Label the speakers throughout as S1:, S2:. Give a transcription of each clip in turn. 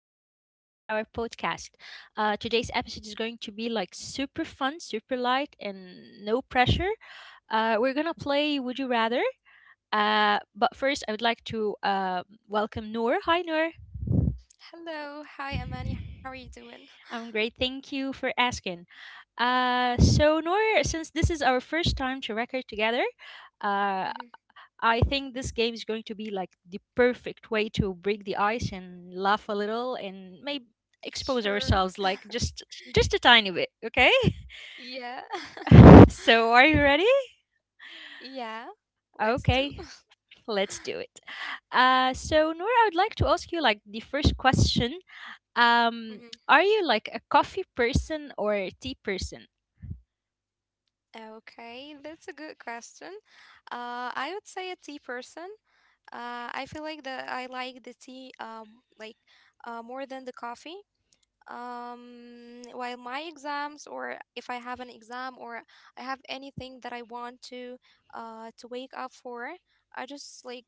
S1: episode of our podcast. Today's episode is going to be like super fun, super light, and no pressure. We're gonna play Would You Rather. But first, I would like to welcome Noor. Hi, Noor.
S2: Hello. Hi, Amani. How are you doing?
S1: I'm great. Thank you for asking. Uh,
S2: Mm-hmm.
S1: so, Noor, since this is our first time to record together, uh,
S2: Mm-hmm.
S1: I think this game is going to be like the perfect way to break the ice and laugh a little and maybe expose
S2: Sure.
S1: ourselves like just a tiny bit, okay?
S2: Yeah.
S1: So are you ready?
S2: Yeah. Let's do.
S1: Okay, let's do it.
S2: Mm-hmm.
S1: So Nora, I would like to ask you like the first question. Are you like a coffee person or a tea person?
S2: mm-hmm. Okay, that's a good question. I would say a tea person. I feel like that I like the tea more than the coffee. While my exams, or if I have an exam, or I have anything that I want to wake up for, I just like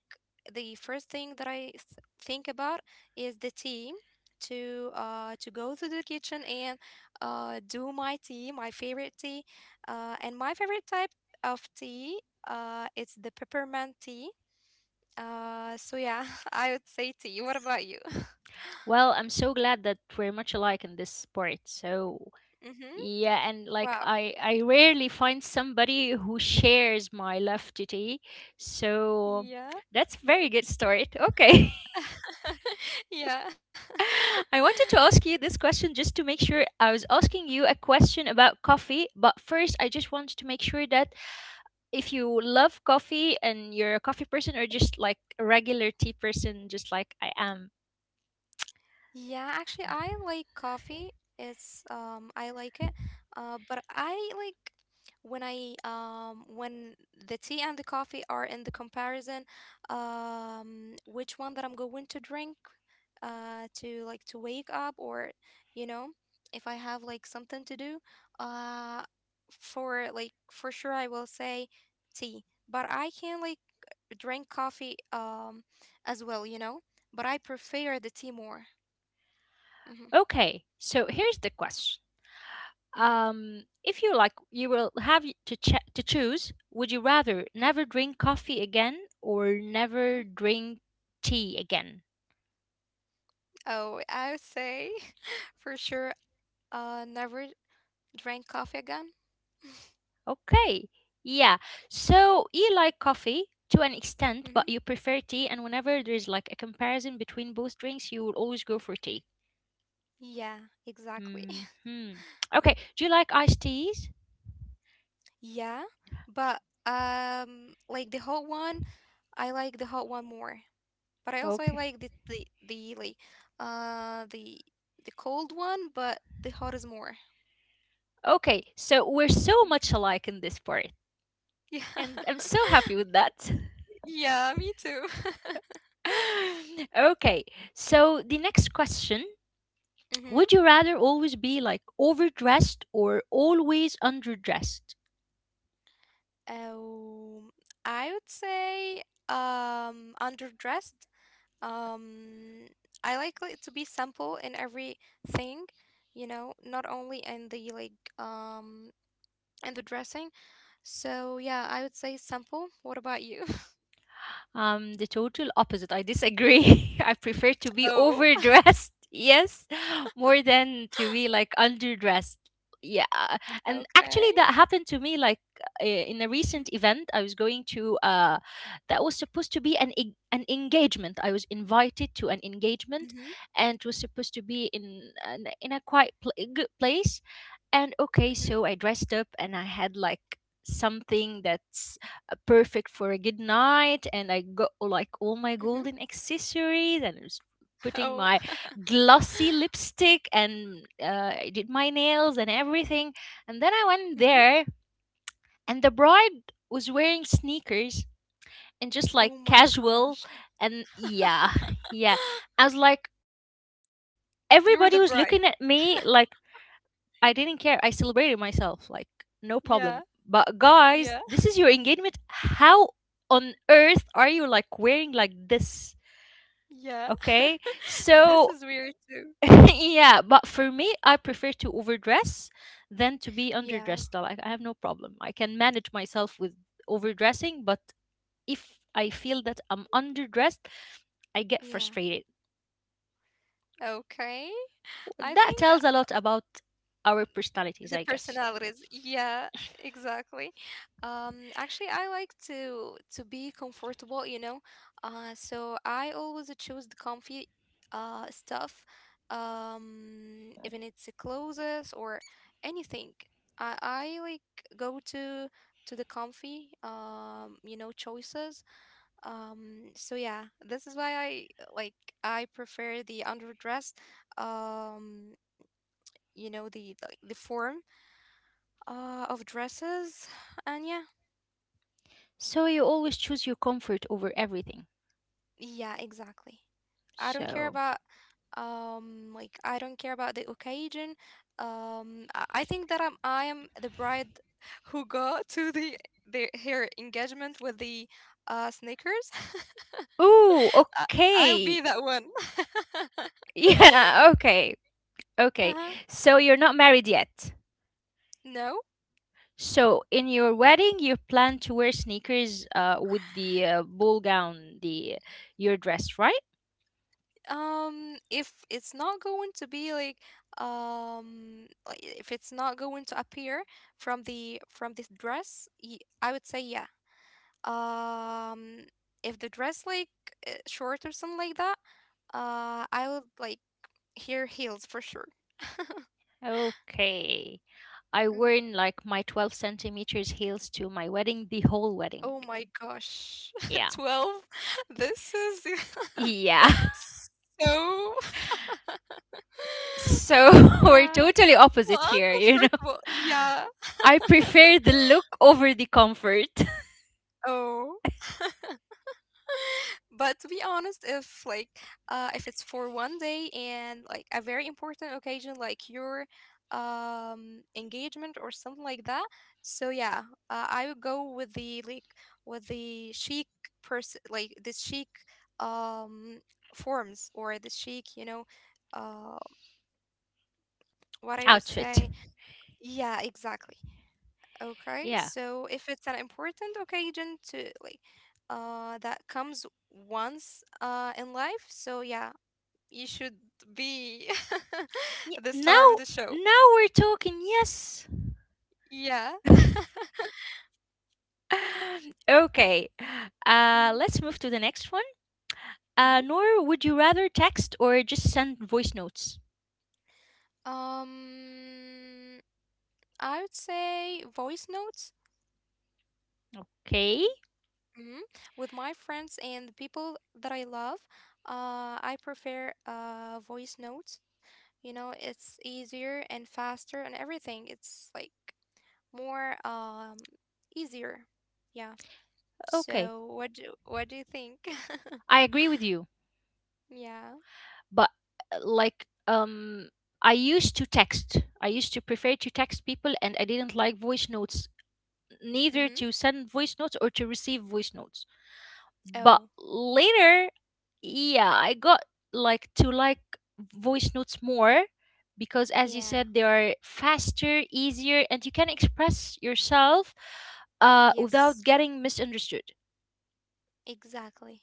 S2: the first thing that I think about is the tea, to go to the kitchen and do my tea, my favorite tea. And my favorite type of tea, it's the peppermint tea. So yeah, I would say tea. What about you?
S1: Well, I'm so glad that we're much alike in this part. So
S2: Mhm.
S1: yeah, and like
S2: Wow.
S1: I rarely find somebody who shares my laughtity. So
S2: Yeah.
S1: that's very good start. Okay.
S2: Yeah.
S1: I wanted to ask you this question just to make sure I was asking you a question about coffee, but first I just wanted to make sure that if you love coffee and you're a coffee person or just like a regular tea person just like I am.
S2: Yeah, actually I like coffee. It's I like it. But I like when I when the tea and the coffee are in the comparison, which one that I'm going to drink, to like to wake up, or you know, if I have like something to do. uh for like, for sure I will say tea. But I can, like, drink coffee as well, but I prefer the tea more. Hmm.
S1: Okay. So here's the question.
S2: Hmm.
S1: If you like, you will have to choose. Would you rather never drink coffee again or
S2: Hmm.
S1: never drink tea again?
S2: Oh, I would say for sure, never drink coffee again.
S1: Okay, yeah. So you like coffee to an extent, but
S2: Hmm.
S1: you prefer tea. And whenever there's like a comparison between both drinks, you will always go for tea.
S2: Yeah, exactly.
S1: Hmm. Okay. Do you like iced teas?
S2: Yeah, but like, the hot one, I like the hot one more. But I also, I
S1: Okay.
S2: like the like uh the the cold one, but the hot is more.
S1: Okay. So we're so
S2: Mm.
S1: much alike in this part,
S2: Yeah,
S1: and I'm so happy with that.
S2: yeah, me too.
S1: Okay, so the next question,
S2: Hmm.
S1: would you rather always be like overdressed or always underdressed?
S2: Um, I would say, underdressed. Um, I like it to be simple in everything, you know, not only in the, like, in the dressing. So yeah, I would say simple. What about you?
S1: The total opposite. I disagree. I prefer to be
S2: Oh,
S1: overdressed, yes, more than to be like underdressed. Yeah, and
S2: okay.
S1: actually that happened to me like in a recent event. I was going to that was supposed to be an engagement. I was invited to an engagement,
S2: Mm-hmm.
S1: and it was supposed to be in a good place. And
S2: Mm-hmm.
S1: okay, so I dressed up and I had like something that perfect for a good night, and I got like all my
S2: Mm-hmm.
S1: golden accessories, and I was putting
S2: Oh.
S1: my glossy lipstick, and I did my nails and everything, and then I went
S2: Mm-hmm.
S1: there, and the bride was wearing sneakers and just
S2: Oh
S1: like
S2: my
S1: casual,
S2: gosh.
S1: and yeah, yeah, I was like, everybody was looking at
S2: You were the
S1: me
S2: bride.
S1: like, I didn't care. I celebrated myself, like no problem.
S2: Yeah.
S1: But guys,
S2: Yeah.
S1: this is your engagement. How on earth are you like wearing like this?
S2: Yeah.
S1: Okay,
S2: This
S1: so
S2: is weird too.
S1: yeah, but for me, I prefer to overdress than to be
S2: Yeah.
S1: underdressed. Like I have no problem. I can manage myself with overdressing, but if I feel that I'm underdressed, I get
S2: Yeah.
S1: frustrated.
S2: Okay. I
S1: That
S2: think,
S1: tells a lot about our personalities,
S2: the
S1: I guess.
S2: personalities. Yeah, exactly. Actually, I like to be comfortable, you know. So I always choose the comfy stuff. Even it's the clothes or anything. I like go to the comfy choices. So yeah, this is why like I prefer the underdressed, um the the form of dresses, and yeah.
S1: So you always choose your comfort over everything.
S2: Yeah, exactly. I don't care
S1: So,
S2: about, like, I don't care about the occasion. I think that I am the bride who got to the her engagement with the sneakers.
S1: ooh,
S2: I- I'll
S1: okay.
S2: be that one.
S1: Yeah, okay. Okay. So you're
S2: Uh-huh.
S1: not married yet.
S2: No.
S1: So in your wedding, you plan to wear sneakers with the ball gown, the your dress, right?
S2: If it's not going to be like, like, if it's not going to appear from this dress, I would say yeah. um if the dress, like, short or something like that, I would like hear heels for sure.
S1: Okay. I
S2: Mhm.
S1: worn like my 12 cm centimeters heels to my wedding the whole wedding.
S2: Oh my gosh.
S1: Yeah.
S2: 12. This is.
S1: Yeah.
S2: So.
S1: So we're
S2: Yeah.
S1: totally
S2: So
S1: opposite here, you know.
S2: uncomfortable, yeah.
S1: I prefer the look over the comfort.
S2: Oh, but to be honest, if, like, if it's for one day and, like, a very important occasion, like your engagement or something like that. So yeah, I would go with the, like, with the chic person, like the chic, um forms, or the chic, you know, uh what I would say.
S1: Outfit.
S2: Yeah, exactly. Okay,
S1: Yeah.
S2: so if it's an important occasion to, like, that comes once in life. So yeah, you should be the star of the
S1: Now
S2: show.
S1: now we're talking. Yes.
S2: Yeah.
S1: Okay.
S2: Mhm.
S1: Let's move to the next one.
S2: Mhm.
S1: Nor, would you rather text or just send voice notes?
S2: Um, I would say voice notes.
S1: Okay?
S2: Mhm. With my friends and the people that I love, I prefer voice notes. You know, it's easier and faster and everything. It's, like, more, easier. Yeah.
S1: Okay.
S2: So what do you think?
S1: I agree with you.
S2: Yeah.
S1: But like I used to prefer to text people, and I didn't like voice notes,
S2: Mhm.
S1: neither to send voice notes or to receive voice notes, but
S2: Oh,
S1: later, yeah, I got like to like voice notes more because as you
S2: yeah.
S1: said they are faster, easier, and you can express yourself without
S2: Yes.
S1: getting misunderstood.
S2: Exactly.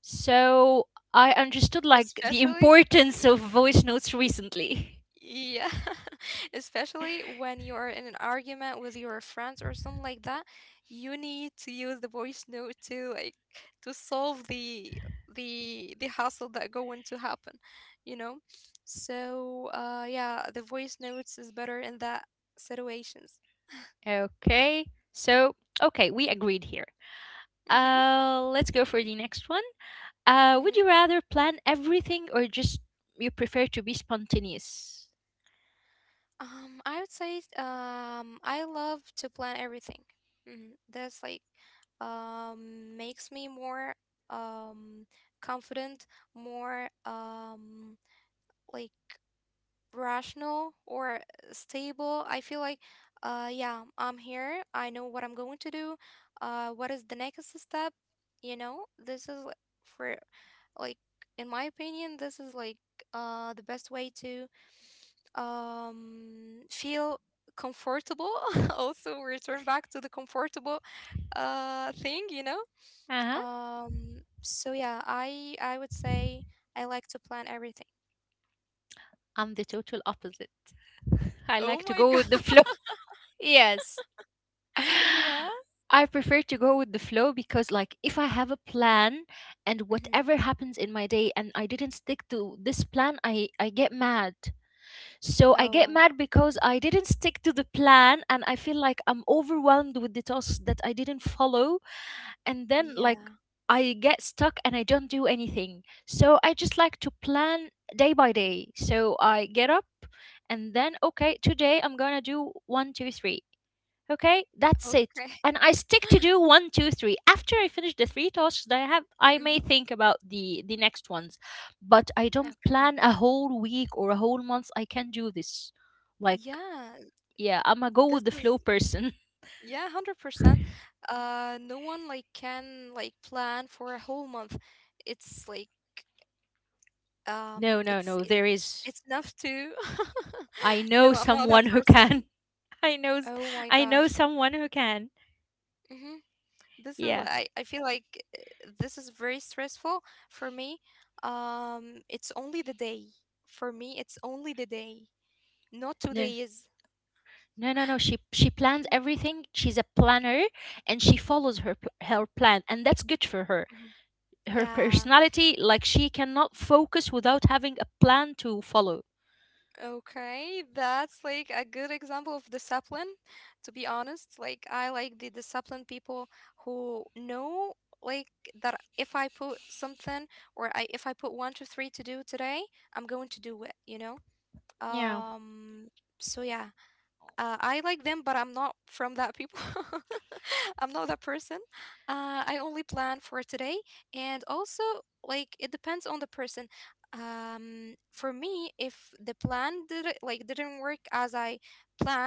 S1: So I understood like the
S2: Especially,
S1: importance
S2: y-
S1: of voice notes recently.
S2: yeah, especially when you are in an argument with your friends or something like that, you need to use the voice note to, like, to solve the hassle that going to happen, you know? So, yeah, the voice notes is better in that situations.
S1: Okay. So, okay, we agreed here.
S2: Mm-hmm.
S1: Let's go for the next one. Would
S2: Mm-hmm.
S1: you rather plan everything or just you prefer to be spontaneous?
S2: I would say, I love to plan everything. Mm, that's, like, makes me more, um confident, more, like, rational or stable. I feel like, yeah, I'm here. I know what I'm going to do. What is the next step? You know, this is for, like, in my opinion, this is, like, the best way to, feel comfortable. Also, return back to the comfortable thing. You know.
S1: Uh-huh.
S2: So yeah, I would say I like to plan everything.
S1: I'm the total opposite. I
S2: Oh
S1: like to
S2: my
S1: go with the
S2: God.
S1: flow. Yes.
S2: Yeah.
S1: I prefer to go with the flow because like if I have a plan and
S2: Mhm.
S1: whatever happens in my day and I didn't stick to this plan, I get mad. So I get
S2: Oh,
S1: mad because I didn't stick to the plan and I feel like I'm overwhelmed with the tasks that I didn't follow. And then, like,
S2: yeah.
S1: I get stuck and I don't do anything. So I just like to plan day by day. So I get up, and then, okay, today I'm gonna do one, two, three. Okay, that's it.
S2: Okay.
S1: And I stick to do one, two, three. After I finish the three tasks that I have, I may
S2: Mhm.
S1: think about the next ones, but I don't
S2: Okay.
S1: plan a whole week or a whole month. I can not do this. Like,
S2: Yeah,
S1: yeah, I'm a go
S2: this
S1: with the
S2: is,
S1: flow person.
S2: yeah, 100%. No one, like, can, like, plan for a whole month. It's, like,
S1: No, no,
S2: it's
S1: no.
S2: it's
S1: There is.
S2: it's enough to.
S1: I
S2: No,
S1: know
S2: I'm not that
S1: someone who
S2: person.
S1: can. I know.
S2: Oh my
S1: I know
S2: gosh.
S1: someone who can.
S2: Hmm. This is what
S1: Yeah.
S2: I feel like, this is very stressful for me. It's only the day. For me, it's only the day, not two
S1: No.
S2: days.
S1: No, no, no. She plans everything. She's a planner, and she follows her plan, and that's good for her. Her
S2: Yeah,
S1: personality like she cannot focus without having a plan to follow.
S2: okay. That's, like, a good example of discipline, to be honest. Like, I like the disciplined people who know, like, that if I put something, or I if I put one, two, three to do today, I'm going to do it, you know?
S1: Yeah,
S2: Um, so yeah. I like them, but I'm not from that people. I'm not that person. I only plan for today, and also, like, it depends on the person. For me, if the plan didn't work as I planned,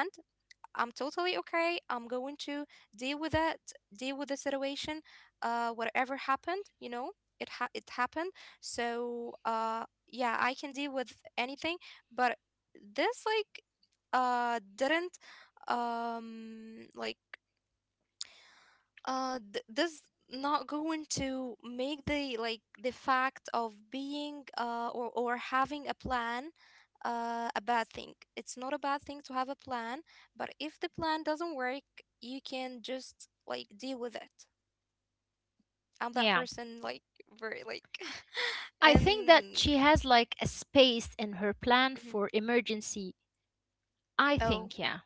S2: I'm totally okay. I'm going to deal with it, deal with the situation. Whatever happened, you know, it happened. So, yeah, I can deal with anything. But this, like, didn't, like, this not going to make the, like, the fact of being, or having a plan, a bad thing. It's not a bad thing to have a plan, but if the plan doesn't work, you can just, like, deal with it. I'm that
S1: yeah.
S2: person, like, very, like.
S1: I think that
S2: And.
S1: she has like a space in her plan
S2: Mhm.
S1: for emergency. I
S2: Oh
S1: think, yeah.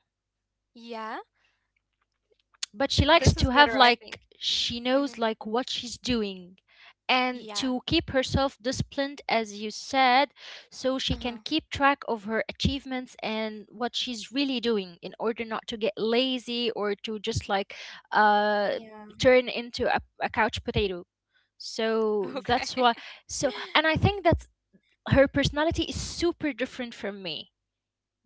S2: yeah,
S1: But she likes
S2: this
S1: to
S2: is
S1: have
S2: better, I
S1: like
S2: think.
S1: she
S2: Hmm.
S1: knows like what she's doing and
S2: Yeah.
S1: to keep herself disciplined as you said, so she can
S2: Uh-huh.
S1: keep track of her achievements and what she's really doing in order not to get lazy or to just like uh
S2: Yeah.
S1: turn into a couch potato. So
S2: Okay.
S1: that's why, so and I think that her personality is super different from me.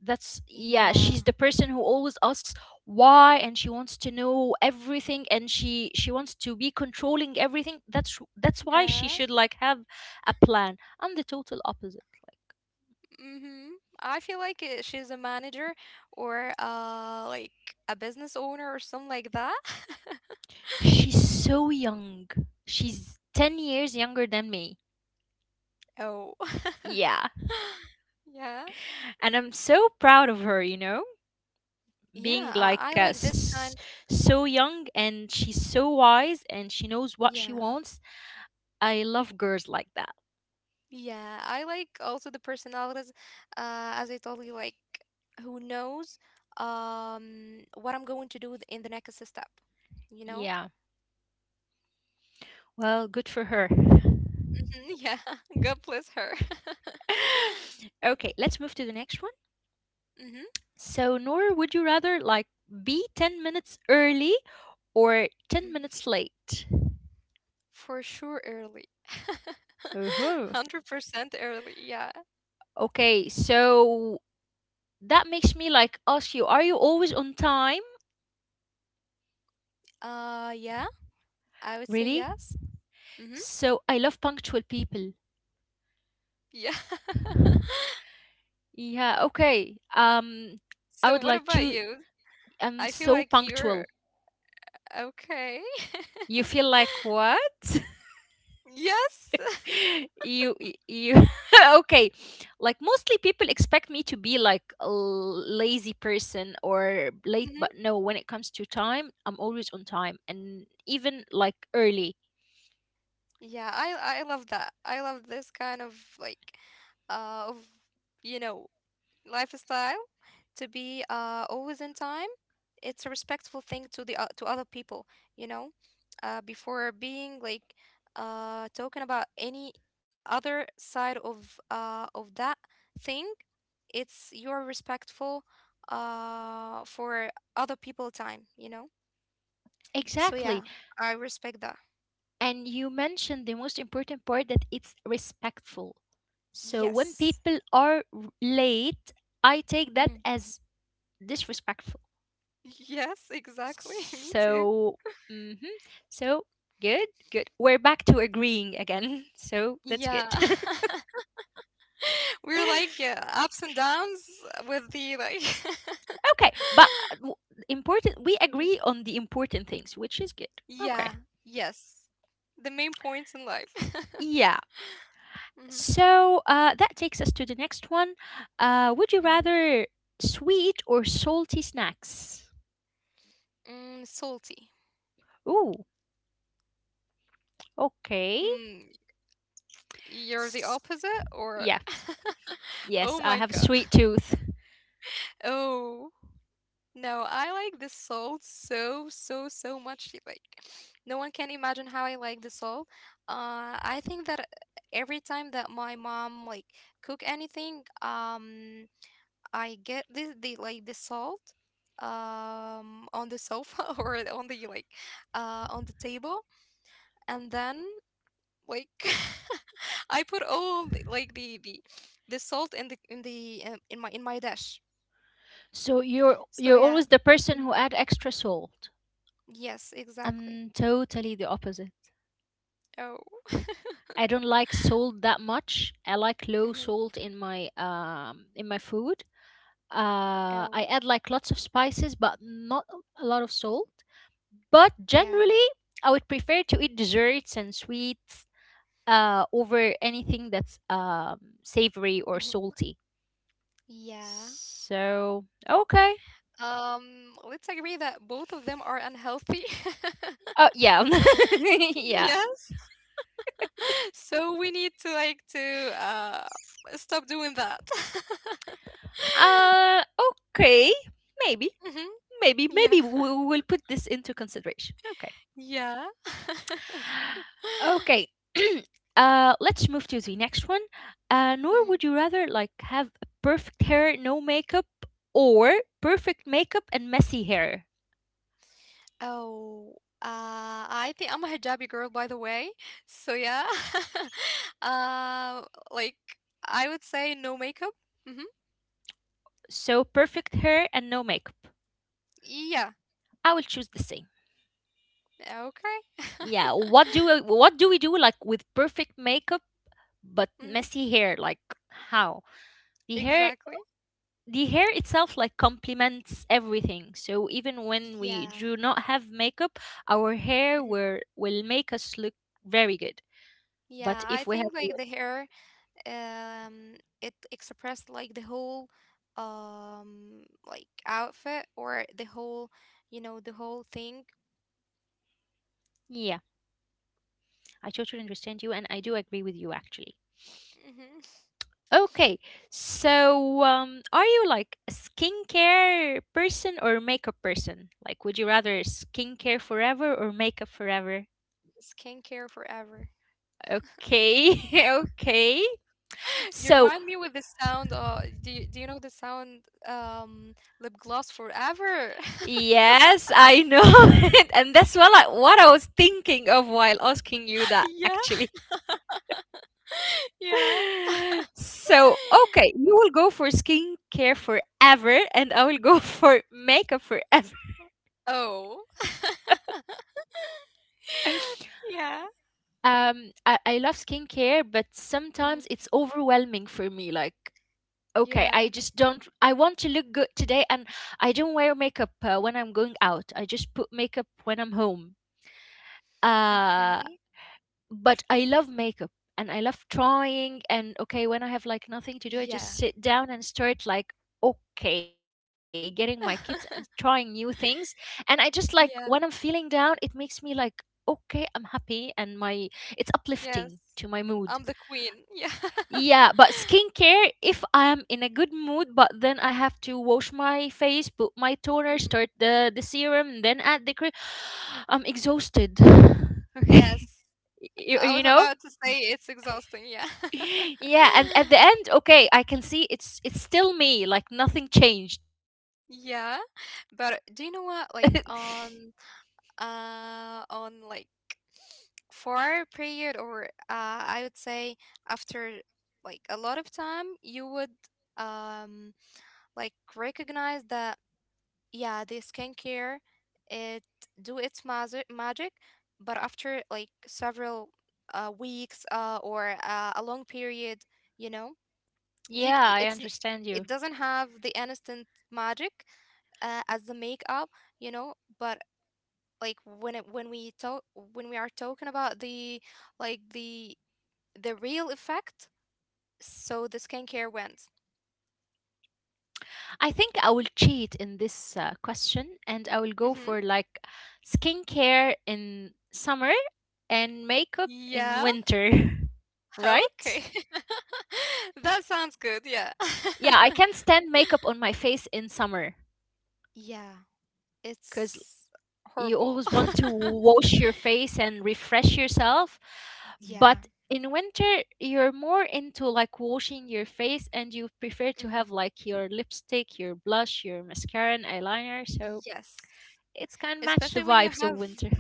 S1: That's, yeah,
S2: Yeah.
S1: she's the person who always asks why, and she wants to know everything, and she wants to be controlling everything. That's why she
S2: Yeah.
S1: should like have a plan. I'm the total opposite.
S2: Mm-hmm. I feel like, she's a manager, or, uh, like, a business owner or something like that.
S1: She's so young. She's 10 years younger than me.
S2: Oh.
S1: Yeah,
S2: Yeah.
S1: and I'm so proud of her, you know,
S2: Yeah,
S1: being like
S2: I like this kind.
S1: so young, and she's so wise and she knows what she
S2: Yeah.
S1: wants. I love girls like that.
S2: Yeah, I like also the personalities, as I told you, like, who knows, what I'm going to do in the next step, you know?
S1: Yeah, well, good for her.
S2: Mhm. Yeah. God bless her.
S1: Okay, let's move to the next one.
S2: Mm-hmm.
S1: So, Nora, would you rather like be 10 minutes early or 10 minutes late?
S2: For sure, early.
S1: Uh-huh.
S2: 100% early. Yeah.
S1: Okay, so that makes me like ask you, are you always on time?
S2: Yeah, I would say
S1: Really?
S2: yes. Mm-hmm.
S1: So, I love punctual people.
S2: Yeah.
S1: Yeah, okay. I
S2: So
S1: would
S2: what
S1: like
S2: about
S1: to,
S2: you?
S1: I'm
S2: I feel
S1: so
S2: like you're
S1: punctual.
S2: okay.
S1: You feel like what?
S2: Yes.
S1: you y- you Okay, like mostly people expect me to be like lazy person or late,
S2: Hmm.
S1: but no, when it comes to time, I'm always on time and even like early.
S2: Yeah, I love that. I love this kind of, like, of, you know, lifestyle. To be, always in time, it's a respectful thing to to other people, you know. Before being, like, talking about any other side of, of that thing, it's, you're respectful, for other people time, you know. So
S1: Exactly,
S2: yeah, I respect that.
S1: and you mentioned the most important part that it's respectful. So when
S2: Yes.
S1: people are late, I take that
S2: Mhm.
S1: as disrespectful.
S2: Yes, exactly. Me too.
S1: So, hmm, so good, good. We're back to agreeing again. So that's good.
S2: Yeah. We're, like, yeah, ups and downs with the, like.
S1: Okay, but important. We agree on the important things, which is good. Okay.
S2: Yeah, yes. The main points in life.
S1: Yeah.
S2: Hmm.
S1: So that takes us to the next one. Would you
S2: Hmm.
S1: rather sweet or salty snacks?
S2: Mm, salty.
S1: Ooh. Okay.
S2: Mm, you're the
S1: S-
S2: opposite, or?
S1: yes. Yes,
S2: Oh
S1: I
S2: my
S1: have a
S2: God.
S1: sweet tooth.
S2: Oh, no, I like the salt so, so, so much. Like, no one can imagine how I like the salt. I think that every time that my mom, like, cook anything, I get the like the salt on the sofa, or on the, like, on the table, and then, like, I put all the, like, the salt in the, in my dish.
S1: So
S2: So
S1: you're
S2: yeah.
S1: always the person
S2: Mm.
S1: who add extra salt.
S2: Yes, exactly.
S1: I'm totally the opposite.
S2: Oh.
S1: I don't like salt that much. I like low
S2: Hmm.
S1: salt in my food.
S2: Oh.
S1: I add like lots of spices, but not a lot of salt. But
S2: Yeah.
S1: generally, I would prefer to eat desserts and sweets over anything that's savory or
S2: Hmm.
S1: salty.
S2: Yeah.
S1: So okay.
S2: Let's agree that both of them are unhealthy.
S1: Oh yeah, yeah.
S2: Yeah. So we need to, like, to, stop doing that.
S1: Uh, okay. Maybe,
S2: Mhm.
S1: maybe,
S2: Yeah,
S1: maybe we will put this into consideration. Okay.
S2: yeah.
S1: Okay. Let's move to the next one. Nor,
S2: Mhm.
S1: would you rather like have perfect hair, no makeup, or perfect makeup and messy hair?
S2: Oh, I think I'm a hijabi girl, by the way. So yeah, uh like, I would say no makeup. Hmm.
S1: So perfect hair and no makeup.
S2: Yeah.
S1: I will choose the same.
S2: Okay.
S1: Yeah. What do we do like with perfect makeup but
S2: Hmm.
S1: messy hair? Like how the hair
S2: Exactly.
S1: the hair itself like complements everything. So even when
S2: Yeah.
S1: we do not have makeup, our hair
S2: Mhm.
S1: will make us look very good. But
S2: Yeah, I
S1: if we have,
S2: think, like, the hair, um it expressed, like, the whole, like, outfit, or the whole, you know, the whole thing.
S1: yeah, I totally understand you, and I do agree with you actually.
S2: Hmm.
S1: Okay, so are you like a skincare person or makeup person? Like, would you rather skincare forever or makeup forever?
S2: Skincare forever.
S1: Okay, okay.
S2: You
S1: So
S2: remind me with the sound, do you know the sound, um lip gloss forever?
S1: yes, I know it, and that's what what I was thinking of while asking you that
S2: Yeah.
S1: actually.
S2: Yeah.
S1: So, okay, you will go for skincare forever, and I will go for makeup forever.
S2: Oh. Yeah.
S1: I love skincare, but
S2: Mhm.
S1: sometimes it's overwhelming for me. Like, okay,
S2: Yeah.
S1: I just don't, I want to look good today, and I don't wear makeup when I'm going out. I just put makeup when I'm home. Uh,
S2: Okay.
S1: but I love makeup and I love trying. And okay, when I have like nothing to do, I just
S2: Yeah.
S1: sit down and start like, okay, getting my kids and trying new things. And I just like when I'm
S2: Yeah.
S1: feeling down, it makes me like, okay, I'm happy and my it's uplifting
S2: Yes,
S1: to my mood.
S2: I'm the queen. Yeah.
S1: Yeah, but skincare, if I am in a good mood, but then I have to wash my face, put my toner, start the serum, and then add the cream. I'm exhausted. Okay.
S2: Yes.
S1: You,
S2: I
S1: you
S2: was
S1: know?
S2: about to say, it's exhausting, yeah.
S1: Yeah, and at the end, okay, I can see it's still me, like nothing changed.
S2: Yeah.
S1: Uh,
S2: But do you know what? Like on like for four period or I would say after like a lot of time you would um like recognize that, yeah, the skincare it do its magic, but after like several weeks or a long period, you know? You
S1: yeah,
S2: c-
S1: I
S2: it's n-
S1: understand you.
S2: It doesn't have the instant magic, as the makeup, you know. But when we are talking about like the the real effect, so the skincare wins.
S1: I think I will cheat in this question, and I will go
S2: Mm-hmm.
S1: for like skincare in summer and makeup in
S2: Yeah,
S1: winter.
S2: okay.
S1: Right.
S2: That sounds good, yeah.
S1: Yeah, I can stand makeup on my face in summer
S2: Yeah,
S1: because
S2: it's
S1: you
S2: horrible.
S1: always want to wash your face and refresh yourself.
S2: Yeah.
S1: But in winter, you're more into like washing your face, and you prefer to have
S2: Hmm.
S1: like your lipstick, your blush, your mascara, and eyeliner. So
S2: Yes,
S1: it's kind of match
S2: especially
S1: the
S2: when you
S1: vibes of
S2: have,
S1: winter.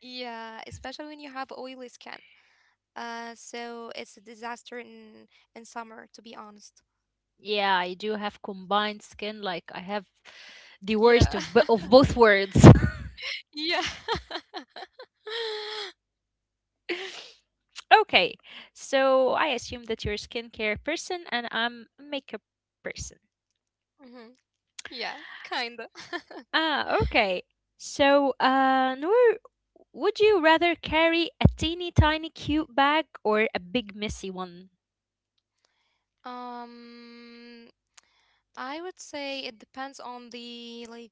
S2: yeah, especially when you have oily skin. So it's a disaster in summer, to be honest.
S1: Yeah, I do have combined skin. Like I have the
S2: Yeah.
S1: worst of, of both worlds.
S2: Yeah.
S1: Okay, so I assume that you're a skincare person and I'm a makeup person.
S2: Hmm. Yeah, kinda.
S1: Ah, okay. So, Noor, would you rather carry a teeny tiny cute bag or a big messy one?
S2: Um, I would say it depends on the like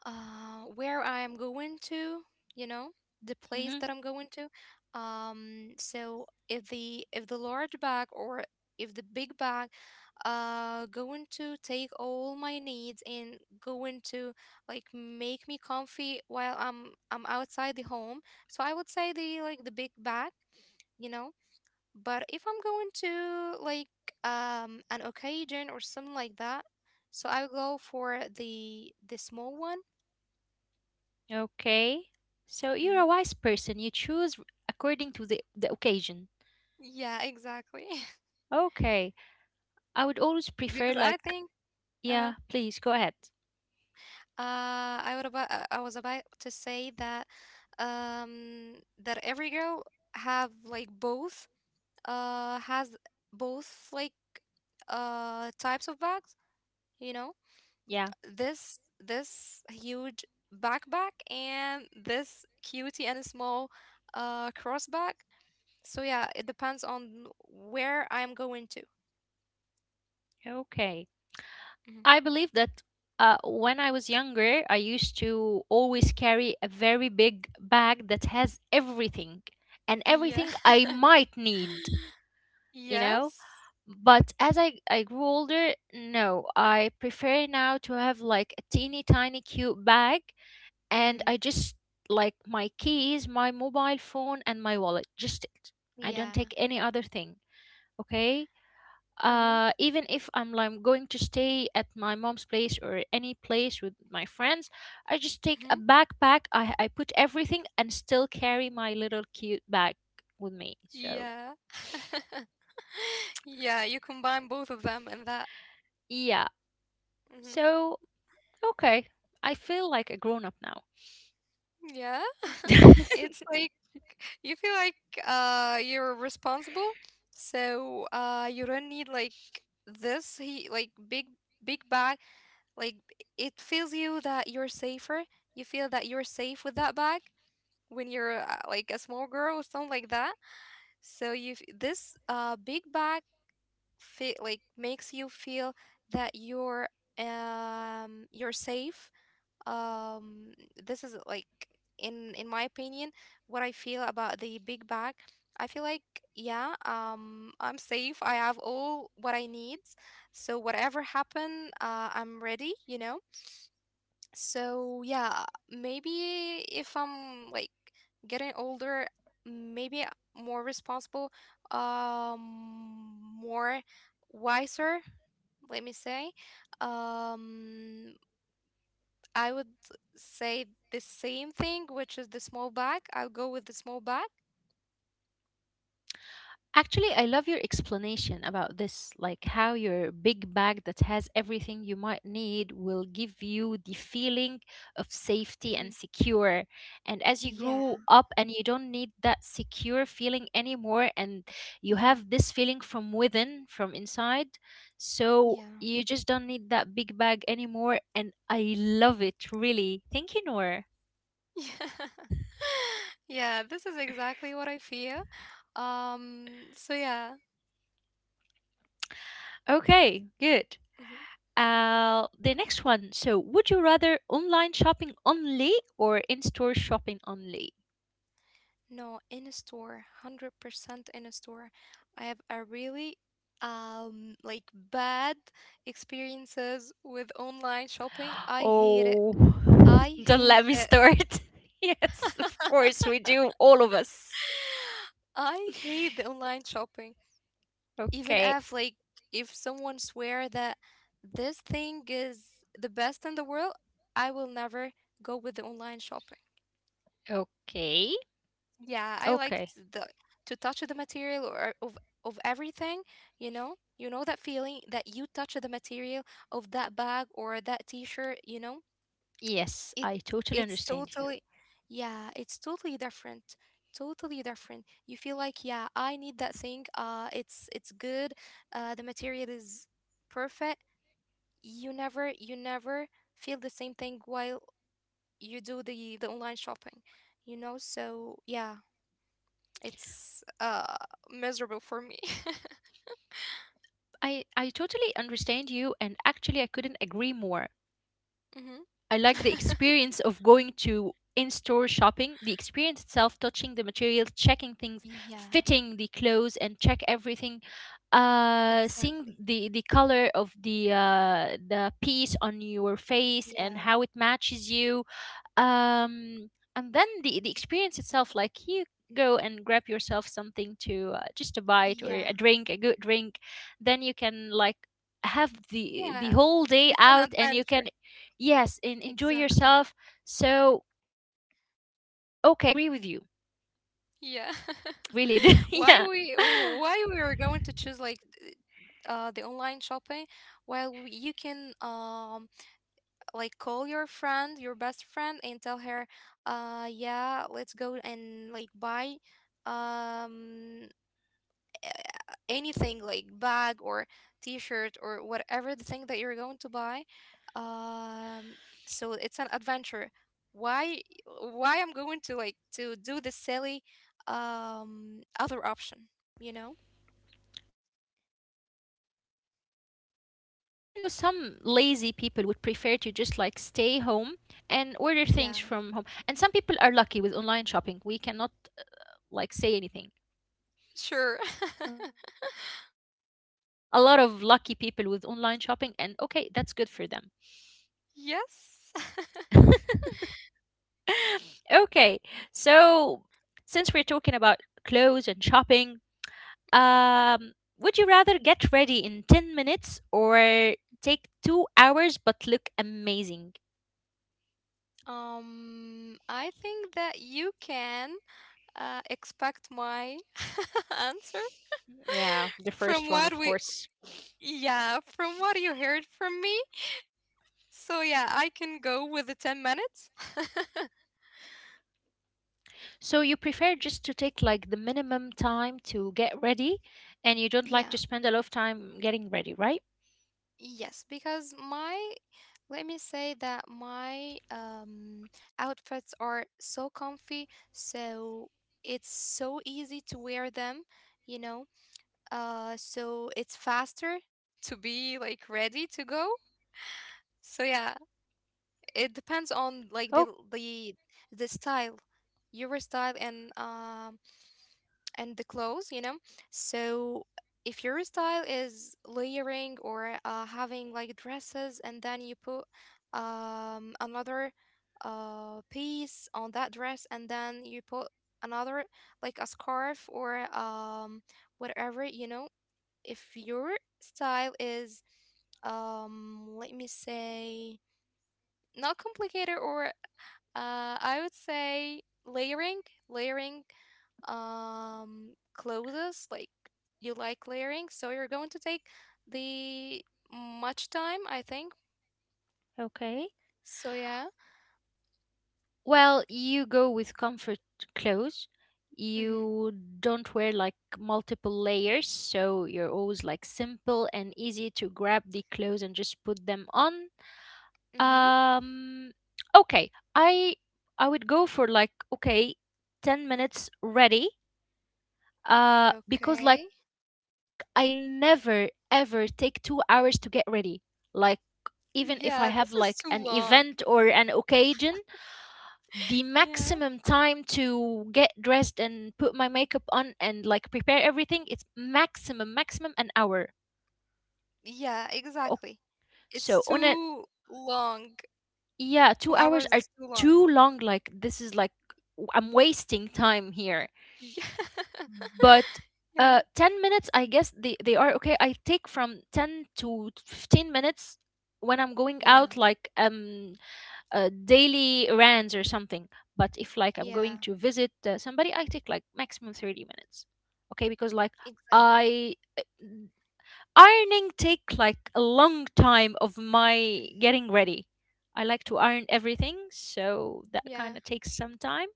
S2: where I am going to, you know, the place
S1: Hmm.
S2: that I'm going to. So if the large bag or if the big bag, going to take all my needs and going to like make me comfy while I'm outside the home. So I would say the big bag, you know. But if I'm going to an occasion or something like that, so I go for the small one.
S1: Okay. So you're a
S2: Hmm.
S1: wise person. You choose according to the occasion.
S2: Yeah, exactly.
S1: Okay. I would always prefer
S2: Because I
S1: like,
S2: think. Uh-huh.
S1: yeah, please go ahead.
S2: I was about to say that every girl have like both has both types of bags, you know?
S1: Yeah.
S2: This huge backpack and this cutie and small cross bag. So yeah, it depends on where I'm going to.
S1: Okay.
S2: Mhm.
S1: I believe that when I was younger, I used to always carry a very big bag that has everything and
S2: Yeah.
S1: everything I might need you know
S2: Yes.
S1: but as I grew older, no, I prefer now to have like a teeny tiny cute bag, and
S2: Mm-hmm.
S1: I just like my keys, my mobile phone, and my wallet, just it. I don't
S2: Yeah.
S1: take any other thing. Okay,
S2: Uh-huh.
S1: even if I'm like going to stay at my mom's place or any place with my friends, I just take a
S2: Mm-hmm.
S1: backpack, I put everything, and still carry my little cute bag with me. So
S2: Yeah. Yeah, you combine both of them and that.
S1: yeah.
S2: Hmm.
S1: So okay. I feel like a grown up now.
S2: Yeah. It's like you feel like, you're responsible, so, you don't need like this he like big bag. Like it feels you that you're safer. You feel that you're safe with that bag when you're, like a small girl or something like that. So you this big bag feel like makes you feel that you're safe. um this is like, in my opinion, what I feel about the big bag. I feel like, yeah, I'm safe, I have all what I need. So whatever happen, I'm ready, you know. So yeah, maybe if I'm getting older, maybe more responsible, more wiser, let me say. Um, I would say the same thing, which is the small bag. I'll go with the small bag.
S1: Actually, I love your explanation about this, like how your big bag that has everything you might need will give you the feeling of safety
S2: Hmm.
S1: and secure. And as you
S2: Yeah.
S1: grow up and you don't need that secure feeling anymore, and you
S2: Hmm.
S1: have this feeling from within, from inside, so
S2: Yeah.
S1: you just don't need that big bag anymore. And I love it, really. Thank you, Noor.
S2: Yeah. Yeah, this is exactly what I feel. So yeah.
S1: Okay, good. The next one. So, would you rather online shopping only or in store shopping only?
S2: No, in a store, 100% in a store. I have a really bad experiences with online shopping. I hate it.
S1: Oh,
S2: I
S1: don't
S2: hate
S1: let me
S2: it.
S1: start. Yes, of course, we do, all of us.
S2: I hate the online shopping. Even
S1: Okay,
S2: if someone swear that this thing is the best in the world, I will never go with the online shopping.
S1: okay,
S2: Yeah, I
S1: okay.
S2: liked the to touch the material or of everything, you know? You know that feeling that you touch the material of that bag or that t-shirt, you know?
S1: Yes,
S2: It
S1: I totally
S2: it's
S1: understand you.
S2: totally yeah, it's totally different. Totally different. You feel like, yeah, I need that thing. It's good. The material is perfect. You never feel the same thing while you do the online shopping, you know? So, yeah. It's miserable for me.
S1: I totally understand you, and actually, I couldn't agree more.
S2: Hmm.
S1: I like the experience of going to in store shopping, the experience itself, touching the materials, checking things,
S2: Yeah,
S1: fitting the clothes, and check everything, seeing
S2: exactly.
S1: the color of the piece on your face
S2: Yeah.
S1: and how it matches you. um and then the experience itself, like you go and grab yourself something to, just a bite or
S2: Yeah.
S1: a drink, a good drink. Then you can like have the
S2: Yeah.
S1: whole day
S2: It's an
S1: out, and you
S2: adventure.
S1: can, yes, and enjoy
S2: Exactly.
S1: yourself. So okay, I agree with you.
S2: Yeah.
S1: That was really good.
S2: Why
S1: Yeah.
S2: we why we are going to choose like, the online shopping? Well, you can like call your friend, your best friend and tell her, yeah, let's go and like buy, um anything like bag or t-shirt or whatever the thing that you're going to buy. Um so it's an adventure. Why why I'm going to like to do the silly, other option you know
S1: You know, some lazy people would prefer to just like stay home and order things from home. And some people are
S2: yeah,
S1: lucky with online shopping. We cannot like say anything.
S2: sure.
S1: Okay. Yeah, there are like a lot of lucky people with online shopping, and okay, that's good for them.
S2: Yes.
S1: Okay, so since we're talking about clothes and shopping,
S2: Mhm.
S1: um, would you rather get ready in 10 minutes or take 2 hours but look amazing?
S2: I think that you can, expect my answer
S1: Yeah, the
S2: from
S1: first one,
S2: what
S1: of
S2: we,
S1: course.
S2: yeah, from what you heard from me. So yeah, I can go with the 10 minutes.
S1: So you prefer just to take like the minimum time to get ready, and you don't like
S2: Yeah.
S1: to spend a lot of time getting ready, right?
S2: Yes, because my let me say that my outfits are so comfy, so it's so easy to wear them, you know. So it's faster to be like ready to go. So yeah, it
S1: Oh,
S2: depends on like the the style, your style, and the clothes, you know? So if your style is layering or, having like dresses and then you put, another, piece on that dress and then you put another, like a scarf or, whatever, you know, if your style is, let me say, not complicated, or, I would say, layering, clothes, like you like layering, so you're going to take the much time, I think.
S1: okay.
S2: So yeah.
S1: Well, you go with comfort clothes.
S2: Mhm.
S1: You don't wear like multiple layers, so you're always like simple and easy to grab the clothes and just put them on.
S2: Mhm.
S1: Um, okay. I I would go for like okay, 10 minutes ready, because like
S2: Okay.
S1: I never ever take 2 hours to get ready, like even if I have like
S2: Yeah,
S1: an
S2: this is too
S1: event or
S2: long.
S1: an occasion, the maximum
S2: Yeah.
S1: time to get dressed and put my makeup on and like prepare everything, it's maximum maximum an hour.
S2: Yeah,
S1: Oh,
S2: exactly.
S1: so
S2: It's
S1: on a,
S2: too long.
S1: yeah,
S2: 2
S1: 2 hours
S2: hours is
S1: are
S2: too long.
S1: too long. Like this is like, I'm wasting time here.
S2: Yeah.
S1: But
S2: Yeah.
S1: 10 minutes, I guess, they, are okay. I take from 10 to 15 minutes when I'm going
S2: Yeah.
S1: out, like daily errands or something. But if like I'm
S2: Yeah.
S1: going to visit somebody, I take like maximum 30 minutes. Okay, because like
S2: Exactly.
S1: I ironing take like a long time of my
S2: Mhm.
S1: getting ready. I like to iron everything, so that kind
S2: Yeah.
S1: of takes some time.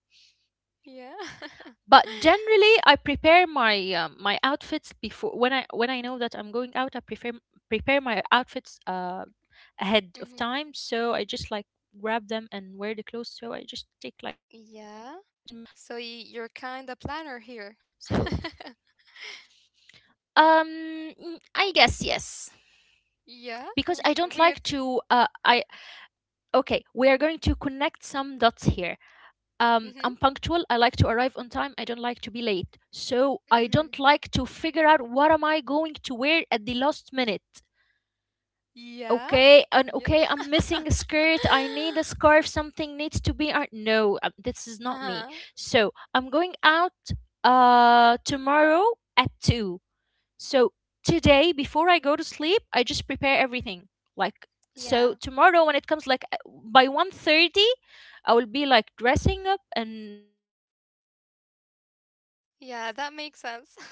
S2: Yeah.
S1: But generally I prepare my outfits before, when I know that I'm going out, I prefer prepare my outfits ahead of
S2: Hmm.
S1: time, so I just like grab them and wear the clothes, so I just take like 10 to 15
S2: Yeah.
S1: minutes.
S2: So
S1: So
S2: you're kind of planner here.
S1: um I guess yes, because I don't
S2: Yeah.
S1: like
S2: We
S1: to,
S2: we would.
S1: I okay, we are going to connect some dots here. I'm
S2: Mm-hmm.
S1: punctual. I like to arrive on time. I don't like to be late. So I don't
S2: Mm-hmm.
S1: like to figure out what am I going to wear at the last minute.
S2: Yeah.
S1: Okay, and
S2: Yeah.
S1: okay, I'm missing a skirt. I need a scarf. Something needs to be. No, this is not me.
S2: Uh-huh.
S1: So I'm going out tomorrow at 2. So today, before I go to sleep, I just prepare
S2: Mm.
S1: everything. Like so,
S2: Yeah.
S1: tomorrow when it comes, like by 1:30, I will be like dressing up and preparing my things and just leave.
S2: Yeah. That makes sense.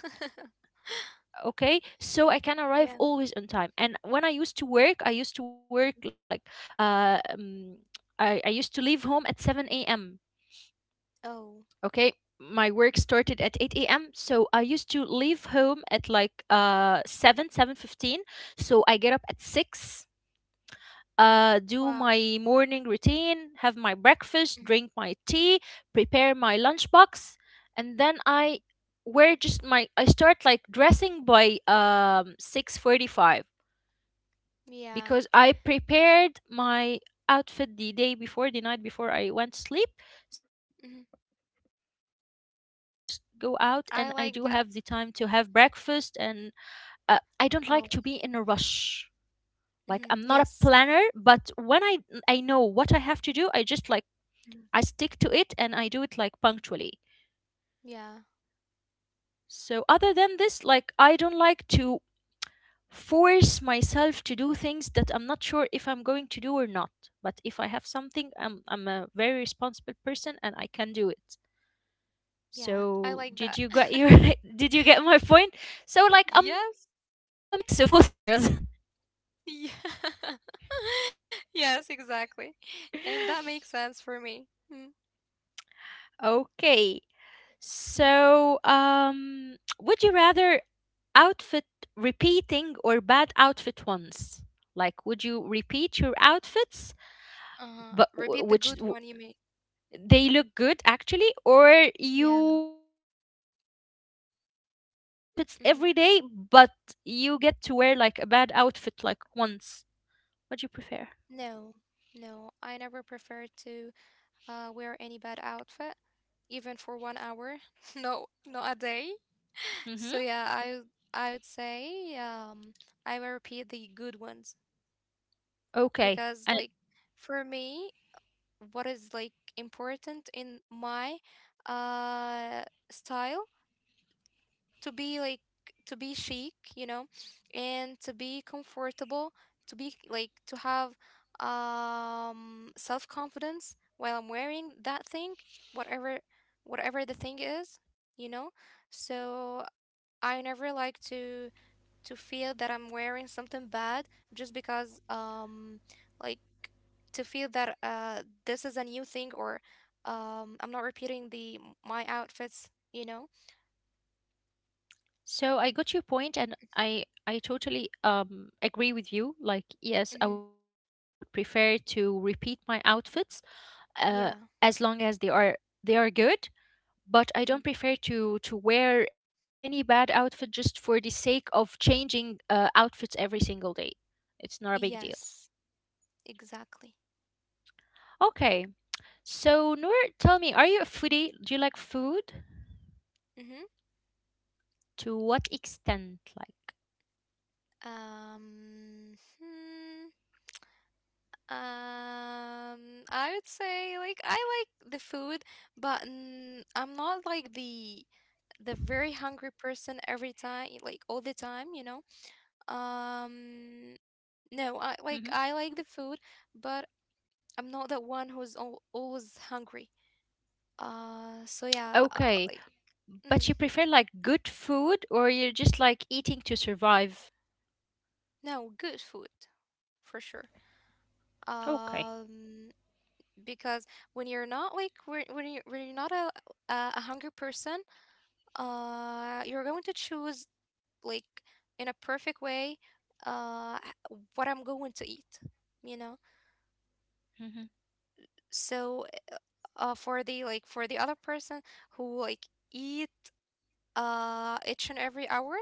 S1: Okay, so I can arrive always on
S2: Yeah.
S1: time. And when I used to work, I used to work like,
S2: Mhm.
S1: uh, um, I used to leave home at 7 a.m.
S2: Oh.
S1: Okay, my work started at 8 a.m. So I used to leave home at like 7, 7:15. So I get up at 6, do
S2: Wow.
S1: my morning routine, have my breakfast,
S2: Mhm.
S1: drink my tea, prepare my lunchbox, and then I wear just my I start like dressing by 6:45
S2: Yeah.
S1: because I prepared my outfit the day before, the night before I went to sleep. So I just
S2: Hmm.
S1: put my clothes on and just go out, and I do have the
S2: I
S1: time
S2: like
S1: to
S2: that.
S1: have breakfast and, I don't like to be in a
S2: Oh.
S1: rush. Like, I'm not a
S2: Hmm.
S1: planner,
S2: Yes.
S1: but when I know what I have to do, I just like, I
S2: Mhm.
S1: stick to it and I do it like punctually.
S2: Yeah.
S1: So other than this, like, I don't like to force myself to do things that I'm not sure if I'm going to do or not. But if I have something, I'm a very responsible person, and I can do it.
S2: Yeah. I
S1: So
S2: like that.
S1: did you get your did you get my point, so like I'm a mix
S2: Yes.
S1: of both worlds.
S2: Yeah. Yes, exactly. And that makes sense for me.
S1: Okay.
S2: Mm-hmm.
S1: So, would you rather outfit repeating or bad outfit once? Like, would you repeat your outfits,
S2: Uh-huh.
S1: but
S2: Repeat the good
S1: which
S2: one you made.
S1: they look good actually, or
S2: Yeah.
S1: you just change outfits
S2: Mm-hmm.
S1: every day, but you get to wear like a bad outfit like once? What do you prefer?
S2: No, no, I never prefer to, wear any bad outfit, even for 1 hour. No, not a day. So yeah, I
S1: Mm-hmm.
S2: I would say, I will repeat the good ones, because like,
S1: Okay.
S2: for me, what is like important in my, uh style, to be like, to be chic, you know, and to be comfortable, to be like to have self confidence while I'm wearing that thing, whatever whatever the thing is, you know. So I never like to feel that I'm wearing something bad, just because, like, to feel that, this is a new thing, or, I'm not repeating the my outfits, you know.
S1: So I got your point, and I totally agree with you. Like,
S2: Mhm.
S1: yes, I would prefer to repeat my outfits, uh,
S2: Yeah.
S1: as long as they are good. But I don't
S2: Mm-hmm.
S1: prefer to wear any bad outfit just for the sake of changing outfits every single day. It's not a big deal.
S2: Yes, exactly.
S1: Okay, so Noor, tell me, are you a foodie? Do you like food?
S2: Mm-hmm.
S1: To what extent, like?
S2: Um, hmm, um, I would say, like, I like the food, but, I'm not like the very hungry person every time, like all the time, you know.
S1: Hmm.
S2: Um, no, I like the food, but I'm not that one who's al always hungry. So yeah,
S1: Okay.
S2: like.
S1: But you
S2: Mm-hmm.
S1: prefer like good food or you're just like eating to survive?
S2: No, good food for sure.
S1: Okay.
S2: Um, because when you're not, like, when you're not a hungry person, you're going to choose, like, in a perfect way, what I'm going to eat, you know.
S1: Hmm.
S2: So, for the like, for the other person who like eat, each and every hour,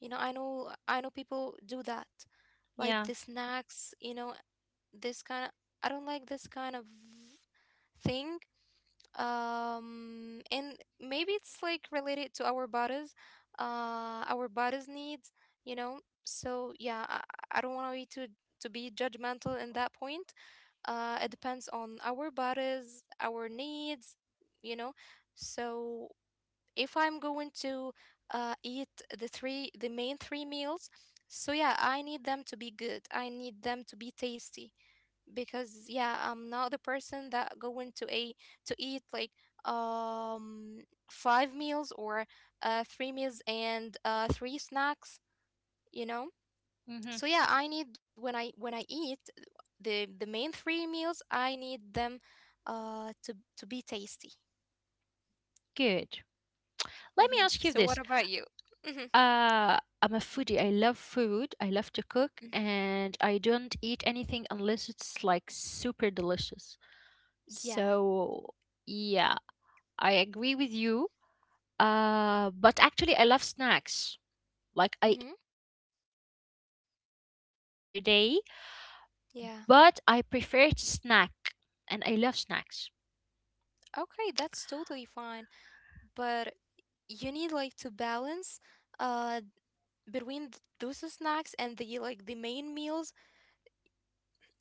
S2: you know, I know people do that, like the
S1: Yeah.
S2: snacks, you know, this kind of I don't like this kind of thing. And maybe it's like related to our bodies, our bodies needs, you know. So yeah, I don't want to be too to be judgmental in that point. It depends on our bodies, our needs, you know. So if I'm going to, eat the main three meals, so yeah, I need them to be good, I need them to be tasty. Because, yeah, I'm not the person that going to a to eat, like, um five meals, or, three meals and, three snacks, you know.
S1: Hmm.
S2: So yeah, I need when I eat the main three meals, I need them, to be tasty.
S1: Good. Let me
S2: Hmm.
S1: ask you
S2: So what
S1: this.
S2: about you? Hmm.
S1: I'm a foodie. I love food. I love to cook, and I don't eat anything unless it's like super delicious.
S2: Yeah.
S1: So, yeah, I agree with you. But actually, I love snacks. Like I
S2: Hmm.
S1: eat two only two main meals per day, but I
S2: Yeah,
S1: prefer to snack and I love snacks.
S2: okay, that's totally fine, but you need, like, to balance, uh between those snacks and the main meals.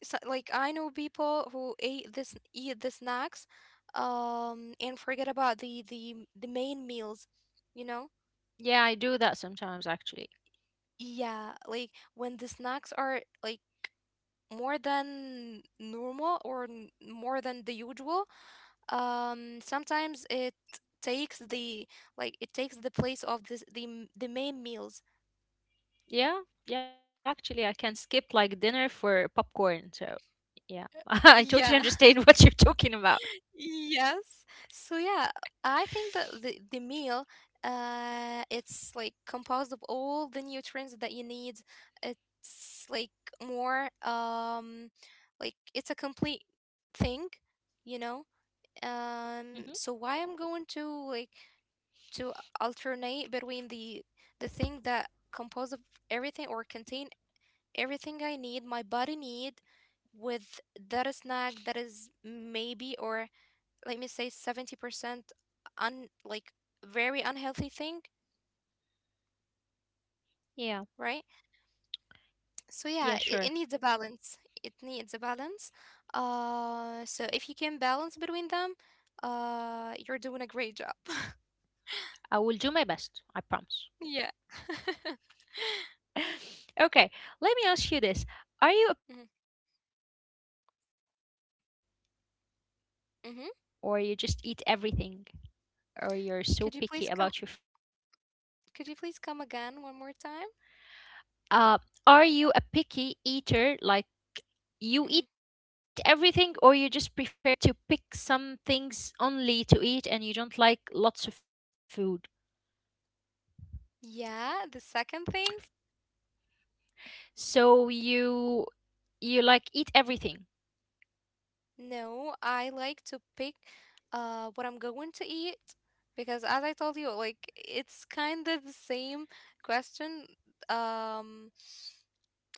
S2: So, like, I know people who ate this eat the snacks, and forget about the main meals, you know.
S1: Yeah, I do that sometimes actually.
S2: Yeah, like when the snacks are, like, more than normal, or more than the usual, sometimes it takes the like it takes the place of the main meals.
S1: Yeah, yeah, actually, I can skip like dinner for popcorn. So, yeah, I totally
S2: Yeah.
S1: understand what you're talking about.
S2: Yes. So yeah, I think that the meal, it's like composed of all the nutrients that you need. It's like more, like it's a complete thing, you know?
S1: Hmm
S2: So why I'm going to like to alternate between the thing that composed of everything or contain everything I need, my body need, with that snack that is maybe, or let me say, 70% un like very unhealthy thing,
S1: Yeah,
S2: right?
S1: yeah,
S2: So
S1: sure.
S2: yeah, it needs a balance. It needs a balance. So if you can balance between them, you're doing a great job.
S1: I will do my best. I promise.
S2: Yeah.
S1: Okay, let me ask you this. Are you a
S2: Mm-hmm.
S1: picky eater or you
S2: Hmm.
S1: just eat everything or you're so picky
S2: Could you
S1: about your
S2: please come?
S1: food?
S2: Could you please come again one more time?
S1: Uh, are you a picky eater, like you
S2: Hmm.
S1: eat everything or you just prefer to pick some things only to eat and you don't like lots of food?
S2: Yeah, the second thing.
S1: So you like eat everything.
S2: No, I like to pick what I'm going to eat because as I told you, like it's kind of the same question um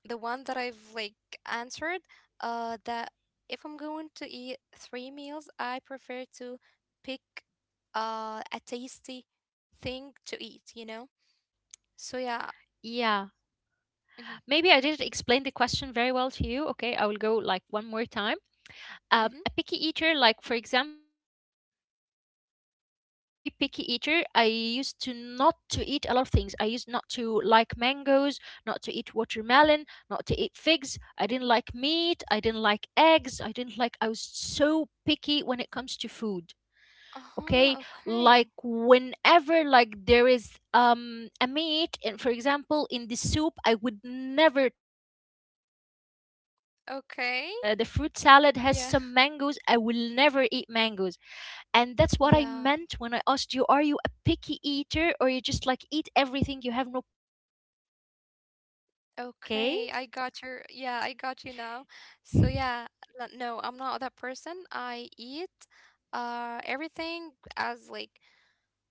S2: the one that I've like answered that if I'm going to eat three meals, I prefer to pick a tasty thing to eat, you know? So
S1: Yeah.
S2: yeah.
S1: Maybe I
S2: Mm-hmm.
S1: didn't explain the question very well to you. Okay, I will go like one more time. A
S2: Mm-hmm.
S1: picky eater, like for example, when I was little, I was very picky eater. I used to not to eat a lot of things. I used not to like mangoes, not to eat watermelon, not to eat figs. I didn't like meat. I didn't like eggs. I didn't like. I was so picky when it comes to food. Okay,
S2: Uh-huh, okay.
S1: like whenever, like, there is a meat and for example in the soup, I would never touch the soup. If there is
S2: Okay.
S1: the fruit salad
S2: Yeah.
S1: has some mangoes, I will never eat mangoes. And that's
S2: Yeah.
S1: what I meant when I asked you, are you a picky eater or you just like eat everything, you have no problem with that?
S2: Okay,
S1: Okay.
S2: I got your yeah, I got you now. So yeah, no, I'm not that person. I eat everything as like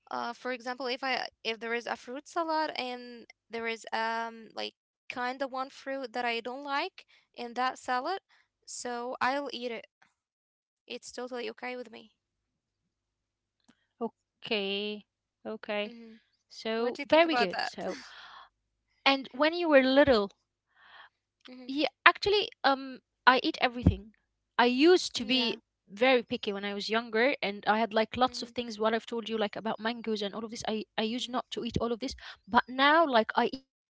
S2: for example, if there is a fruit salad and there is like kind of one fruit that I don't like in that salad, so I'll eat it. It's totally okay with me.
S1: Okay. Okay, so very good. So
S2: Mm-hmm. What do you think
S1: and
S2: about
S1: when
S2: that?
S1: you were little, yeah, actually, I
S2: Mm-hmm.
S1: eat everything. I used to be very picky when I was
S2: Yeah.
S1: younger, and I had like lots of things. What I've told you, like about
S2: Mm-hmm.
S1: mangoes and all of this, I used not to eat all of this, but now like I eat double. You know,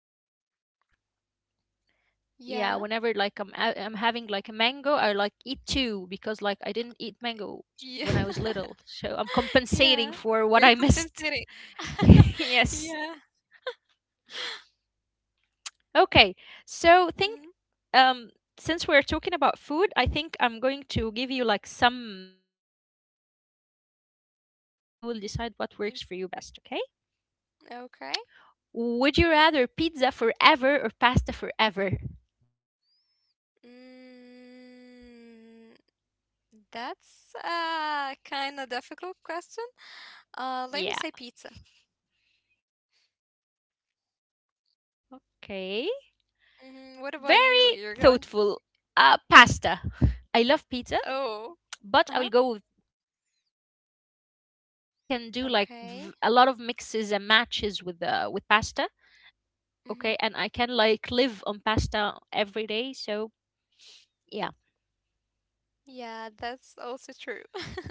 S1: yeah. Whenever
S2: Yeah.
S1: like I'm having like a mango, I like eat two because like I didn't eat mangoes when I was
S2: Yeah.
S1: little, so I'm compensating
S2: Yeah,
S1: for what I
S2: you're
S1: missed.
S2: compensating.
S1: Yes.
S2: Yeah.
S1: Okay, so think,
S2: Mhm.
S1: um since we're talking about food, I think I'm going to give you like some choices between food and you will decide what works for you best,
S2: mm
S1: okay?
S2: Okay.
S1: Would you rather pizza forever or pasta forever?
S2: Mm, that's a kind of difficult question. Let me
S1: Yeah,
S2: say pizza.
S1: good. Okay.
S2: What about you?
S1: Very
S2: You're going?
S1: thoughtful. Pasta. I love pizza,
S2: Oh.
S1: but I will
S2: Uh-huh.
S1: go with, I will go with pasta because like I can do like a
S2: Okay.
S1: lot of mixes and matches with pasta. Okay,
S2: Mm-hmm.
S1: and I can like live on pasta every day. So yeah.
S2: Yeah, that's also true.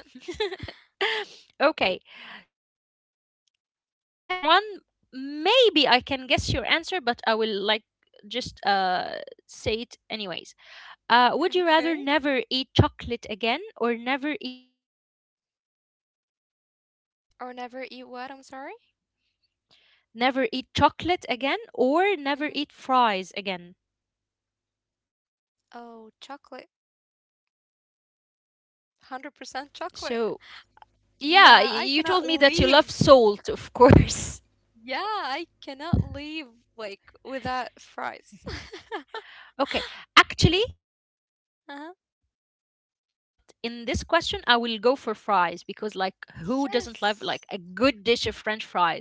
S1: Okay, so I have one, maybe I can guess your answer, but I will like just say it anyways. Would you rather
S2: Okay.
S1: never eat chocolate again or never eat fries again?
S2: Or never eat what? I'm sorry.
S1: Never eat chocolate again or never eat
S2: Mm-hmm.
S1: fries again?
S2: Oh, chocolate. 100%
S1: So
S2: chocolate.
S1: yeah, you
S2: Yeah, I
S1: told me
S2: cannot
S1: that you love
S2: leave.
S1: salt, of course.
S2: Yeah, I cannot leave like without fries.
S1: Okay. Actually, I
S2: Uh-huh.
S1: love chocolate, but in this question, I will go for fries because, like, who doesn't love like a
S2: Yes,
S1: good dish of French fries?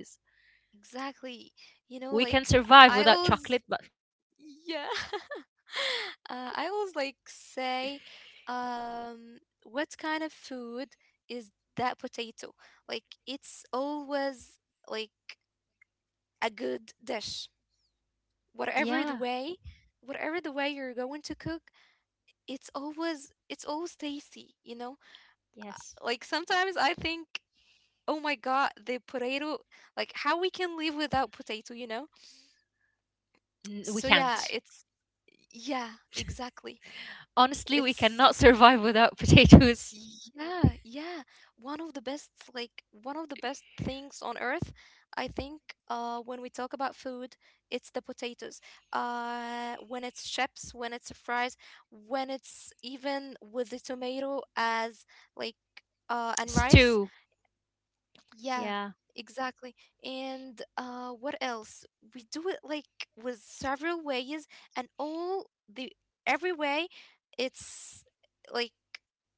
S2: exactly. You know,
S1: We can
S2: like
S1: survive
S2: I
S1: without
S2: always,
S1: chocolate, but
S2: yeah, I always like say, what kind of food is that potato? Like it's always like a good dish, whatever the
S1: yeah,
S2: way, whatever the way you're going to cook, it's always tasty. You know,
S1: yes,
S2: like sometimes I think, oh my god, the potato, like how we can live without potato, you know?
S1: We
S2: So yeah,
S1: can't.
S2: it's yeah, exactly.
S1: Honestly, we
S2: It's
S1: cannot survive without potatoes
S2: Yeah, yeah. One of the best things on earth, I think, when we talk about food, it's the potatoes. When it's chips, when it's fries, when it's even with the tomato as like and rice.
S1: stew.
S2: Yeah,
S1: Yeah,
S2: exactly. And, what else? We do it like with several ways, and all the every way, it's like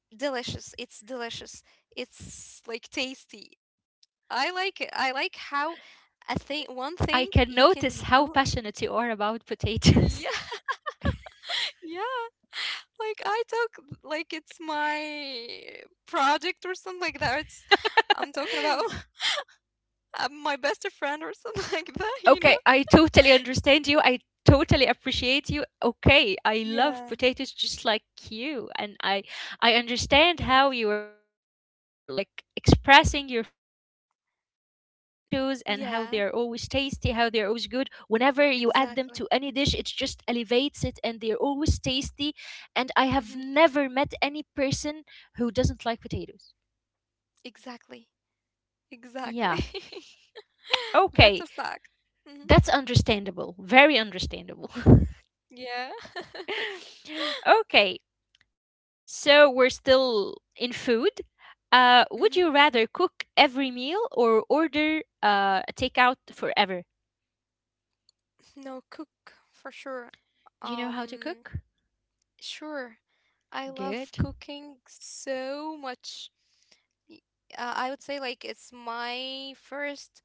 S2: delicious. It's delicious. It's like tasty. I like it. I like how
S1: I can
S2: one thing
S1: notice how
S2: you can
S1: passionate
S2: do.
S1: you are about potatoes.
S2: Yeah, yeah. Like I talk like it's my project or something like that. It's I'm talking about my best friend or something like that. You know.
S1: Okay, I totally understand you. I totally appreciate you. Okay, I love
S2: Yeah,
S1: potatoes just like you, and I understand how
S2: yes.
S1: you are like expressing your feelings regarding potatoes and how they
S2: Yeah,
S1: are always tasty, how they are always good. Whenever you add them
S2: exactly.
S1: to any dish, it just elevates it, and they are always tasty. And I
S2: Mhm.
S1: have never met any person who doesn't like potatoes.
S2: Exactly. Exactly.
S1: Yeah.
S2: That's a
S1: Okay,
S2: fact. Hmm.
S1: that's understandable. Very understandable.
S2: Yeah.
S1: Okay, so we're still in food. Would you
S2: Hmm.
S1: rather cook every meal or order a takeout forever?
S2: No, cook for sure.
S1: Do you know how to
S2: Um,
S1: cook?
S2: sure. I love
S1: Good.
S2: cooking so much. Y- I would say like it's my first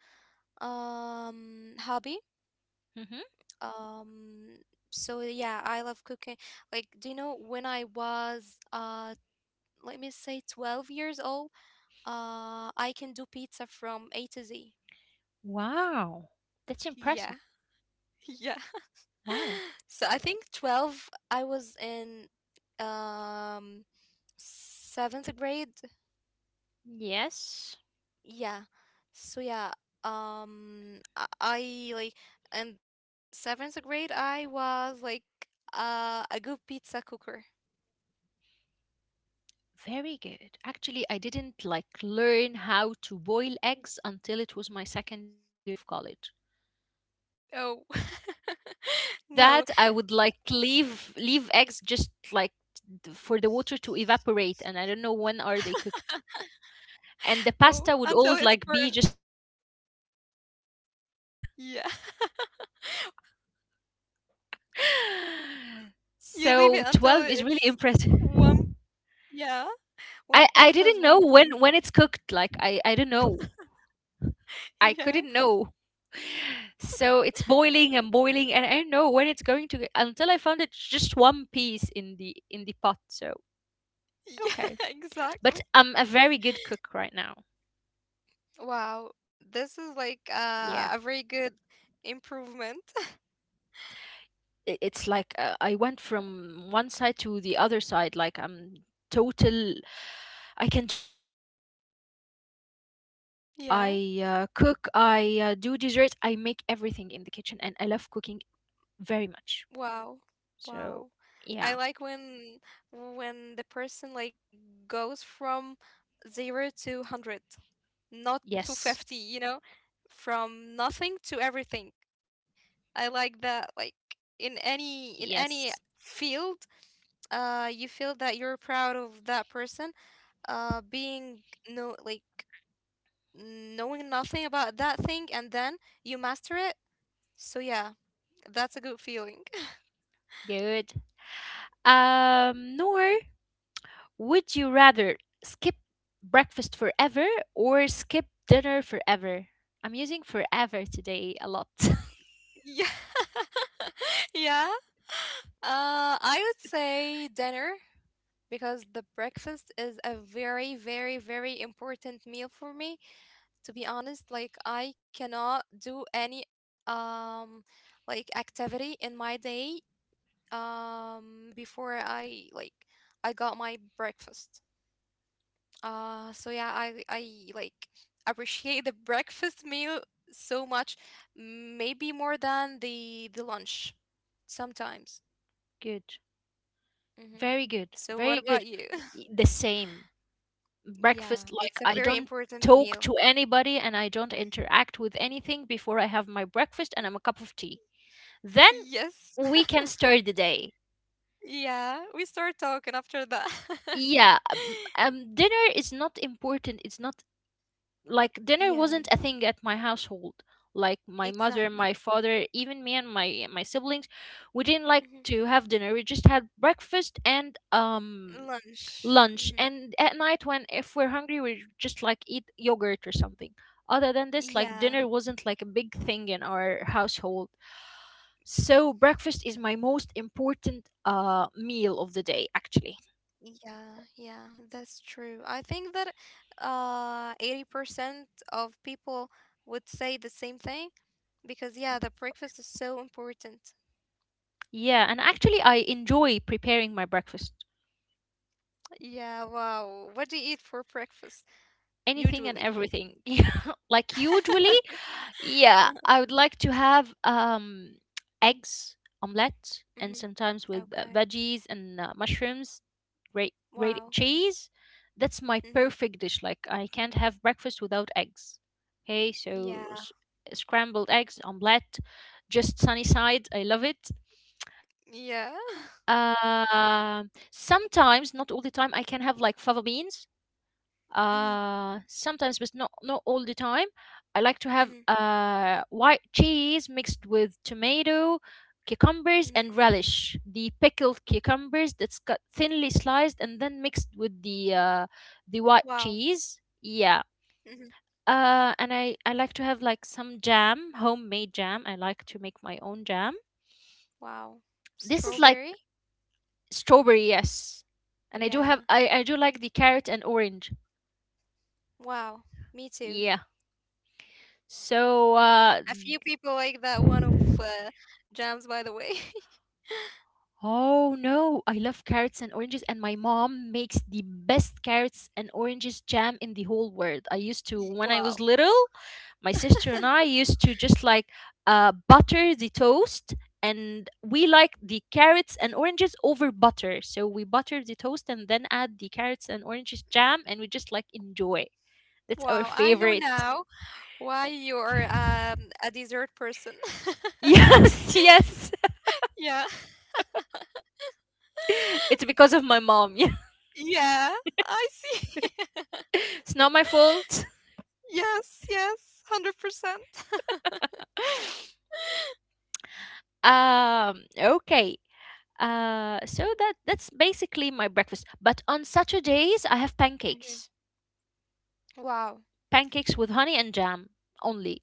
S2: hobby.
S1: Hmm
S2: Um, so yeah, I love cooking. Like, do you know when I was let me say 12 years old, I can do pizza from A to Z.
S1: Wow, that's
S2: Yeah,
S1: impressive.
S2: yeah.
S1: Wow.
S2: So I think 12, I was in um seventh grade.
S1: Yes,
S2: Yeah. So yeah, I like in seventh grade I was like a good pizza cooker.
S1: very good. Actually, I didn't like learn how to boil eggs until it was my second year of college.
S2: Oh.
S1: Before
S2: No.
S1: that, I would like leave eggs just like for the water to evaporate, and I don't know when are they cooked. And the
S2: Oh,
S1: pasta
S2: until
S1: would
S2: it's
S1: always
S2: burnt.
S1: like be just a big dough. Yeah.
S2: Yeah. You
S1: So
S2: leave it
S1: 12 is
S2: until
S1: really
S2: it's
S1: impressive.
S2: one. Yeah.
S1: I
S2: When the
S1: I
S2: pasta
S1: didn't
S2: is
S1: know
S2: one piece.
S1: when it's cooked. Like I don't know. I
S2: Yeah.
S1: couldn't know. So it's boiling and boiling, and I don't know when it's going to get, until I found it just one piece in the pot. So
S2: Yeah,
S1: okay.
S2: exactly.
S1: But I'm a very good cook right now.
S2: Wow. This is
S1: Yeah.
S2: like a very good improvement.
S1: It's like, I went from one side to the other side. Like I'm total, I can do like everything now. I bake, I
S2: Yeah.
S1: cook, I do dessert, I make everything in the kitchen. And I love cooking very much.
S2: Wow.
S1: So,
S2: Wow.
S1: yeah.
S2: I like when the person like goes from 0 to 100, not to
S1: Yes.
S2: 50, you know? From nothing to everything. I like that
S1: Yes.
S2: like in any field, you feel that you're proud of that person being no, like, knowing nothing about that thing, and then you master it. So yeah, that's a good feeling.
S1: Good. Noor, would you rather skip breakfast forever or skip dinner forever? I'm using forever today a lot.
S2: Yeah. Yeah. I would say dinner because the breakfast is a very, very, very important meal for me. To be honest, like, I cannot do any um like activity in my day, before I got my breakfast. So yeah, I like appreciate the breakfast meal so much, maybe more than the lunch sometimes.
S1: Good.
S2: hmm
S1: Very good.
S2: So what
S1: Very
S2: about
S1: good.
S2: you?
S1: The same.
S2: Yeah,
S1: Breakfast,
S2: it's
S1: like
S2: a
S1: I
S2: very
S1: don't
S2: important
S1: talk
S2: meal.
S1: to anybody and I don't interact with anything before I have my breakfast and I'm a cup of tea. Then
S2: Yes.
S1: we can start the day.
S2: Yeah, we start talking after that.
S1: Yeah, dinner is not important. It's not like dinner
S2: Yeah,
S1: wasn't a thing at my household, like my mother,
S2: exactly.
S1: my father, even me and my siblings, we didn't like
S2: hmm
S1: to have dinner. We just had breakfast and
S2: Lunch.
S1: lunch,
S2: Hmm.
S1: and at night, when if we're hungry, we just like eat yogurt or something. Other than this, like
S2: Yeah.
S1: dinner wasn't like a big thing in our household. So breakfast is my most important meal of the day, actually.
S2: Yeah, yeah, that's true. I think that 80% of people would say the same thing because, yeah, the breakfast is so important.
S1: Yeah, and actually I enjoy preparing my breakfast.
S2: Yeah, wow. What do you eat for breakfast
S1: Anything and
S2: usually?
S1: everything. Yeah, like usually, yeah, I would like to have eggs, omelette, and
S2: Mm-hmm.
S1: sometimes with
S2: Okay.
S1: veggies and mushrooms, great
S2: Wow.
S1: cheese. That's my
S2: Mm-hmm.
S1: perfect dish. Like I can't have breakfast without eggs. Okay, so
S2: Yeah.
S1: scrambled eggs, omelette, just sunny side. I love it.
S2: Yeah.
S1: Sometimes, not all the time, I can have like fava beans
S2: Mm-hmm.
S1: sometimes, but not all the time. I like to have
S2: Mm-hmm.
S1: white cheese mixed with tomato, cucumbers,
S2: Mm-hmm.
S1: and relish, the pickled cucumbers that's cut thinly sliced and then mixed with the white
S2: Wow.
S1: cheese. Yeah.
S2: Mm-hmm.
S1: And I like to have like some jam, homemade jam. I like to make my own jam.
S2: Wow.
S1: This is like
S2: Strawberry?
S1: strawberry, yes. And i do
S2: Yeah.
S1: have i i do like the carrot and orange.
S2: Wow. Me too.
S1: Yeah, so
S2: A few people like that one of jams, by the way.
S1: oh no, I love carrots and oranges, and my mom makes the best carrots and oranges jam in the whole world. I used to,
S2: Y-
S1: when I was
S2: Wow.
S1: little, my sister and I used to just like butter the toast, and we like the carrots and oranges over butter. So we butter the toast and then add the carrots and oranges jam, and we just like enjoy. That's our
S2: Wow. I know
S1: favorite.
S2: now why you're a dessert person.
S1: Yes, yes.
S2: Yeah.
S1: It's because of my mom.
S2: Yeah. I see.
S1: It's not my fault.
S2: Yes. Yes. 100%.
S1: Okay. So that's basically my breakfast. But on Saturdays, I have
S2: Mhm.
S1: pancakes,
S2: Wow.
S1: pancakes with honey and jam only.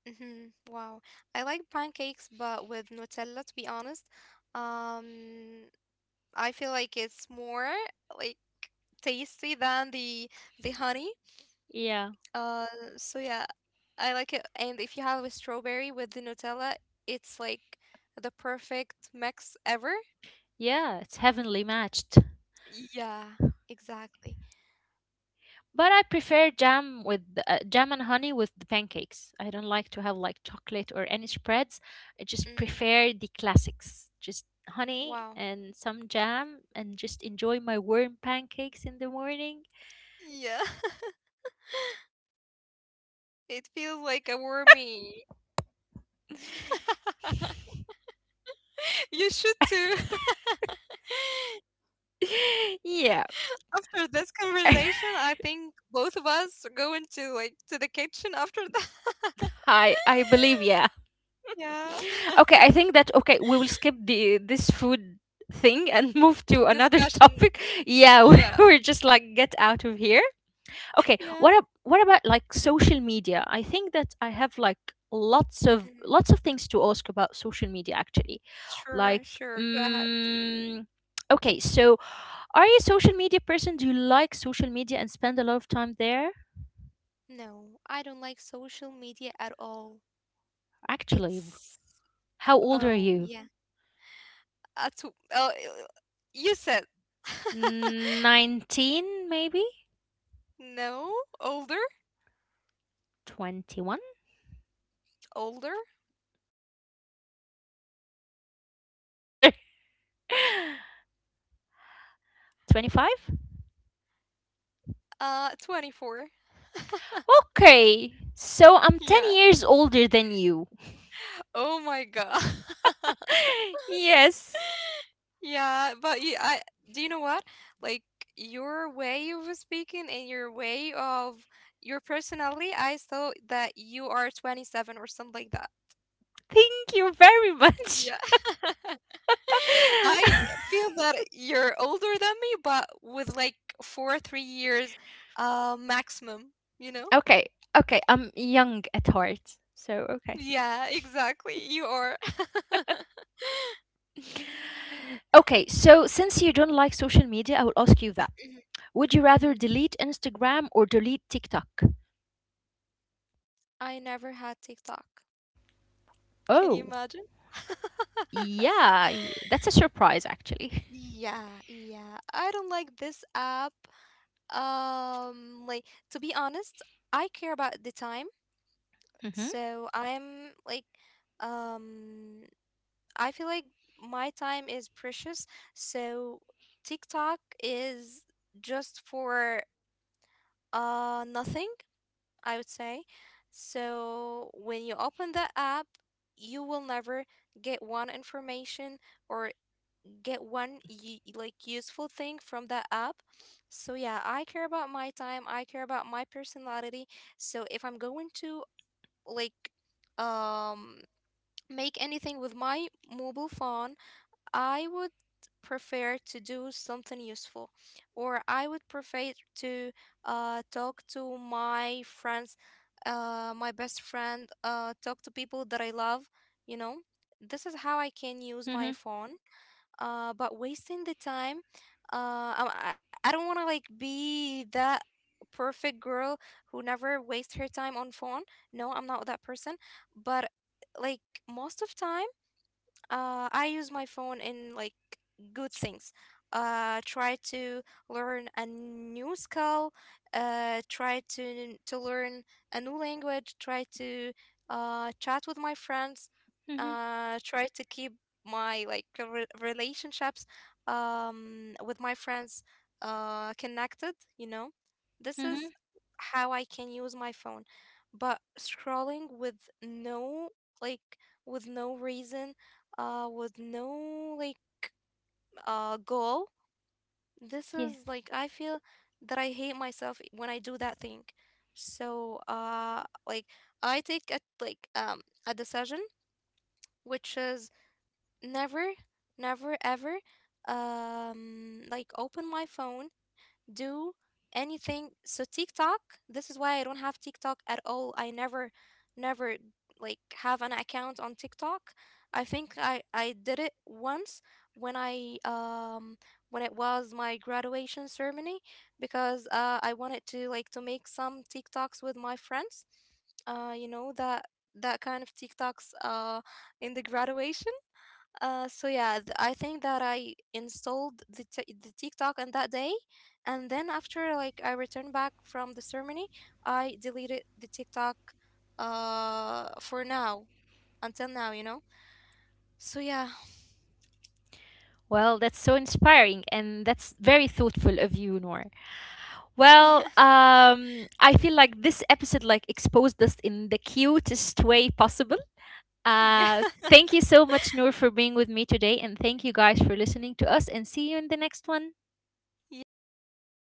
S2: Hmm. Wow. I like pancakes, but with Nutella, to be honest. Um, I feel like it's more like tasty than the honey.
S1: Yeah,
S2: Uh, so yeah. I like it. And if you have a strawberry with the Nutella, it's like the perfect mix ever.
S1: yeah, it's heavenly matched.
S2: Yeah, exactly.
S1: But I prefer jam with jam and honey with the pancakes. I don't like to have like chocolate or any spreads. I just
S2: Mm,
S1: prefer the classics, just honey
S2: wow.
S1: and some jam, and just enjoy my warm pancakes in the morning.
S2: Yeah.
S1: Okay, so I'm getting hungry now.
S2: It feels like a warmie. You should too.
S1: Yeah.
S2: After this conversation, I think both of us are going to like to the kitchen after that.
S1: I believe, yeah.
S2: Yeah.
S1: Okay, I think that okay, we will skip the this food thing and move to another
S2: Discussion.
S1: topic. Yeah,
S2: Yeah.
S1: we're just like get out of here. Okay,
S2: Yeah.
S1: what about like social media? I think that I have like
S2: Mhm.
S1: lots of things to ask about social media, actually.
S2: Sure,
S1: Like
S2: sure. Go ahead.
S1: mm, okay, so are you a social media person? Do you like social media and spend a lot of time there?
S2: No, I don't like social media at all.
S1: Actually,
S2: It's
S1: how old are
S2: Oh
S1: you?
S2: yeah. at Oh, you said,
S1: 19 maybe?
S2: no, older
S1: 21?
S2: older.
S1: How many how much older? 25?
S2: 24.
S1: Okay. So I'm 10
S2: Yeah.
S1: years older than you.
S2: Oh my god.
S1: Yes.
S2: Yeah, but you I, do you know what, like your way of speaking and your way of your personality, I saw that you are 27 or something like that.
S1: Thank you very much.
S2: Yeah. I feel that you're older than me, but with like 4 or 3 years, maximum, you know?
S1: Okay. Okay, I'm young at heart. So, okay.
S2: Yeah, exactly. You are.
S1: Okay, so since you don't like social media, I will ask you that.
S2: Mhm,
S1: Would you
S2: mhm.
S1: rather delete Instagram or delete TikTok?
S2: I never had TikTok. Can you
S1: Oh,
S2: imagine?
S1: yeah, that's a surprise actually.
S2: Yeah, yeah. I don't like this app. Like, to be honest, I care about the time,
S1: Mhm.
S2: so I'm like, um, I feel like my time is precious, so TikTok is just for nothing, I would say. So when you open the app, you will never get one information or get one like useful thing from that app. So yeah, I care about my time, I care about my personality. So if I'm going to like um make anything with my mobile phone, I would prefer to do something useful, or I would prefer to talk to my friends, my best friend, talk to people that I love. You know, this is
S1: Mhm.
S2: how I can use my phone. But wasting the time, I don't want to like be that perfect girl who never waste her time on phone. No, I'm not that person. But like most of time, I use my phone in like good things. Try to learn a new skill. Try to learn a new language. Try to chat with my friends.
S1: Mhm.
S2: Try to keep my like relationships, with my friends, connected. You know, this is
S1: Mhm.
S2: how I can use my phone. But scrolling like with no reason, with no, like, goal. This is
S1: Yeah.
S2: like I feel that I hate myself when I do that thing. So, like, I take a decision, which is never, never ever, like, open my phone, do anything. So TikTok, this is why I don't have TikTok at all. I never, never like have an account on TikTok. I think I did it once, when i um when it was my graduation ceremony, because, I wanted to like to make some TikToks with my friends, you know, that that kind of TikToks, in the graduation. So yeah, I think that I installed the TikTok on that day, and then after like I returned back from the ceremony, I deleted the TikTok. For now, until now, you know. So yeah,
S1: Well, that's so inspiring and that's very thoughtful of you, Noor. Well,
S2: yeah,
S1: I feel like this episode like exposed us in the cutest way possible.
S2: yeah,
S1: Thank you so much, Noor, for being with me today, and thank you guys for listening to us, and see you in the next one.
S2: yeah. Thank you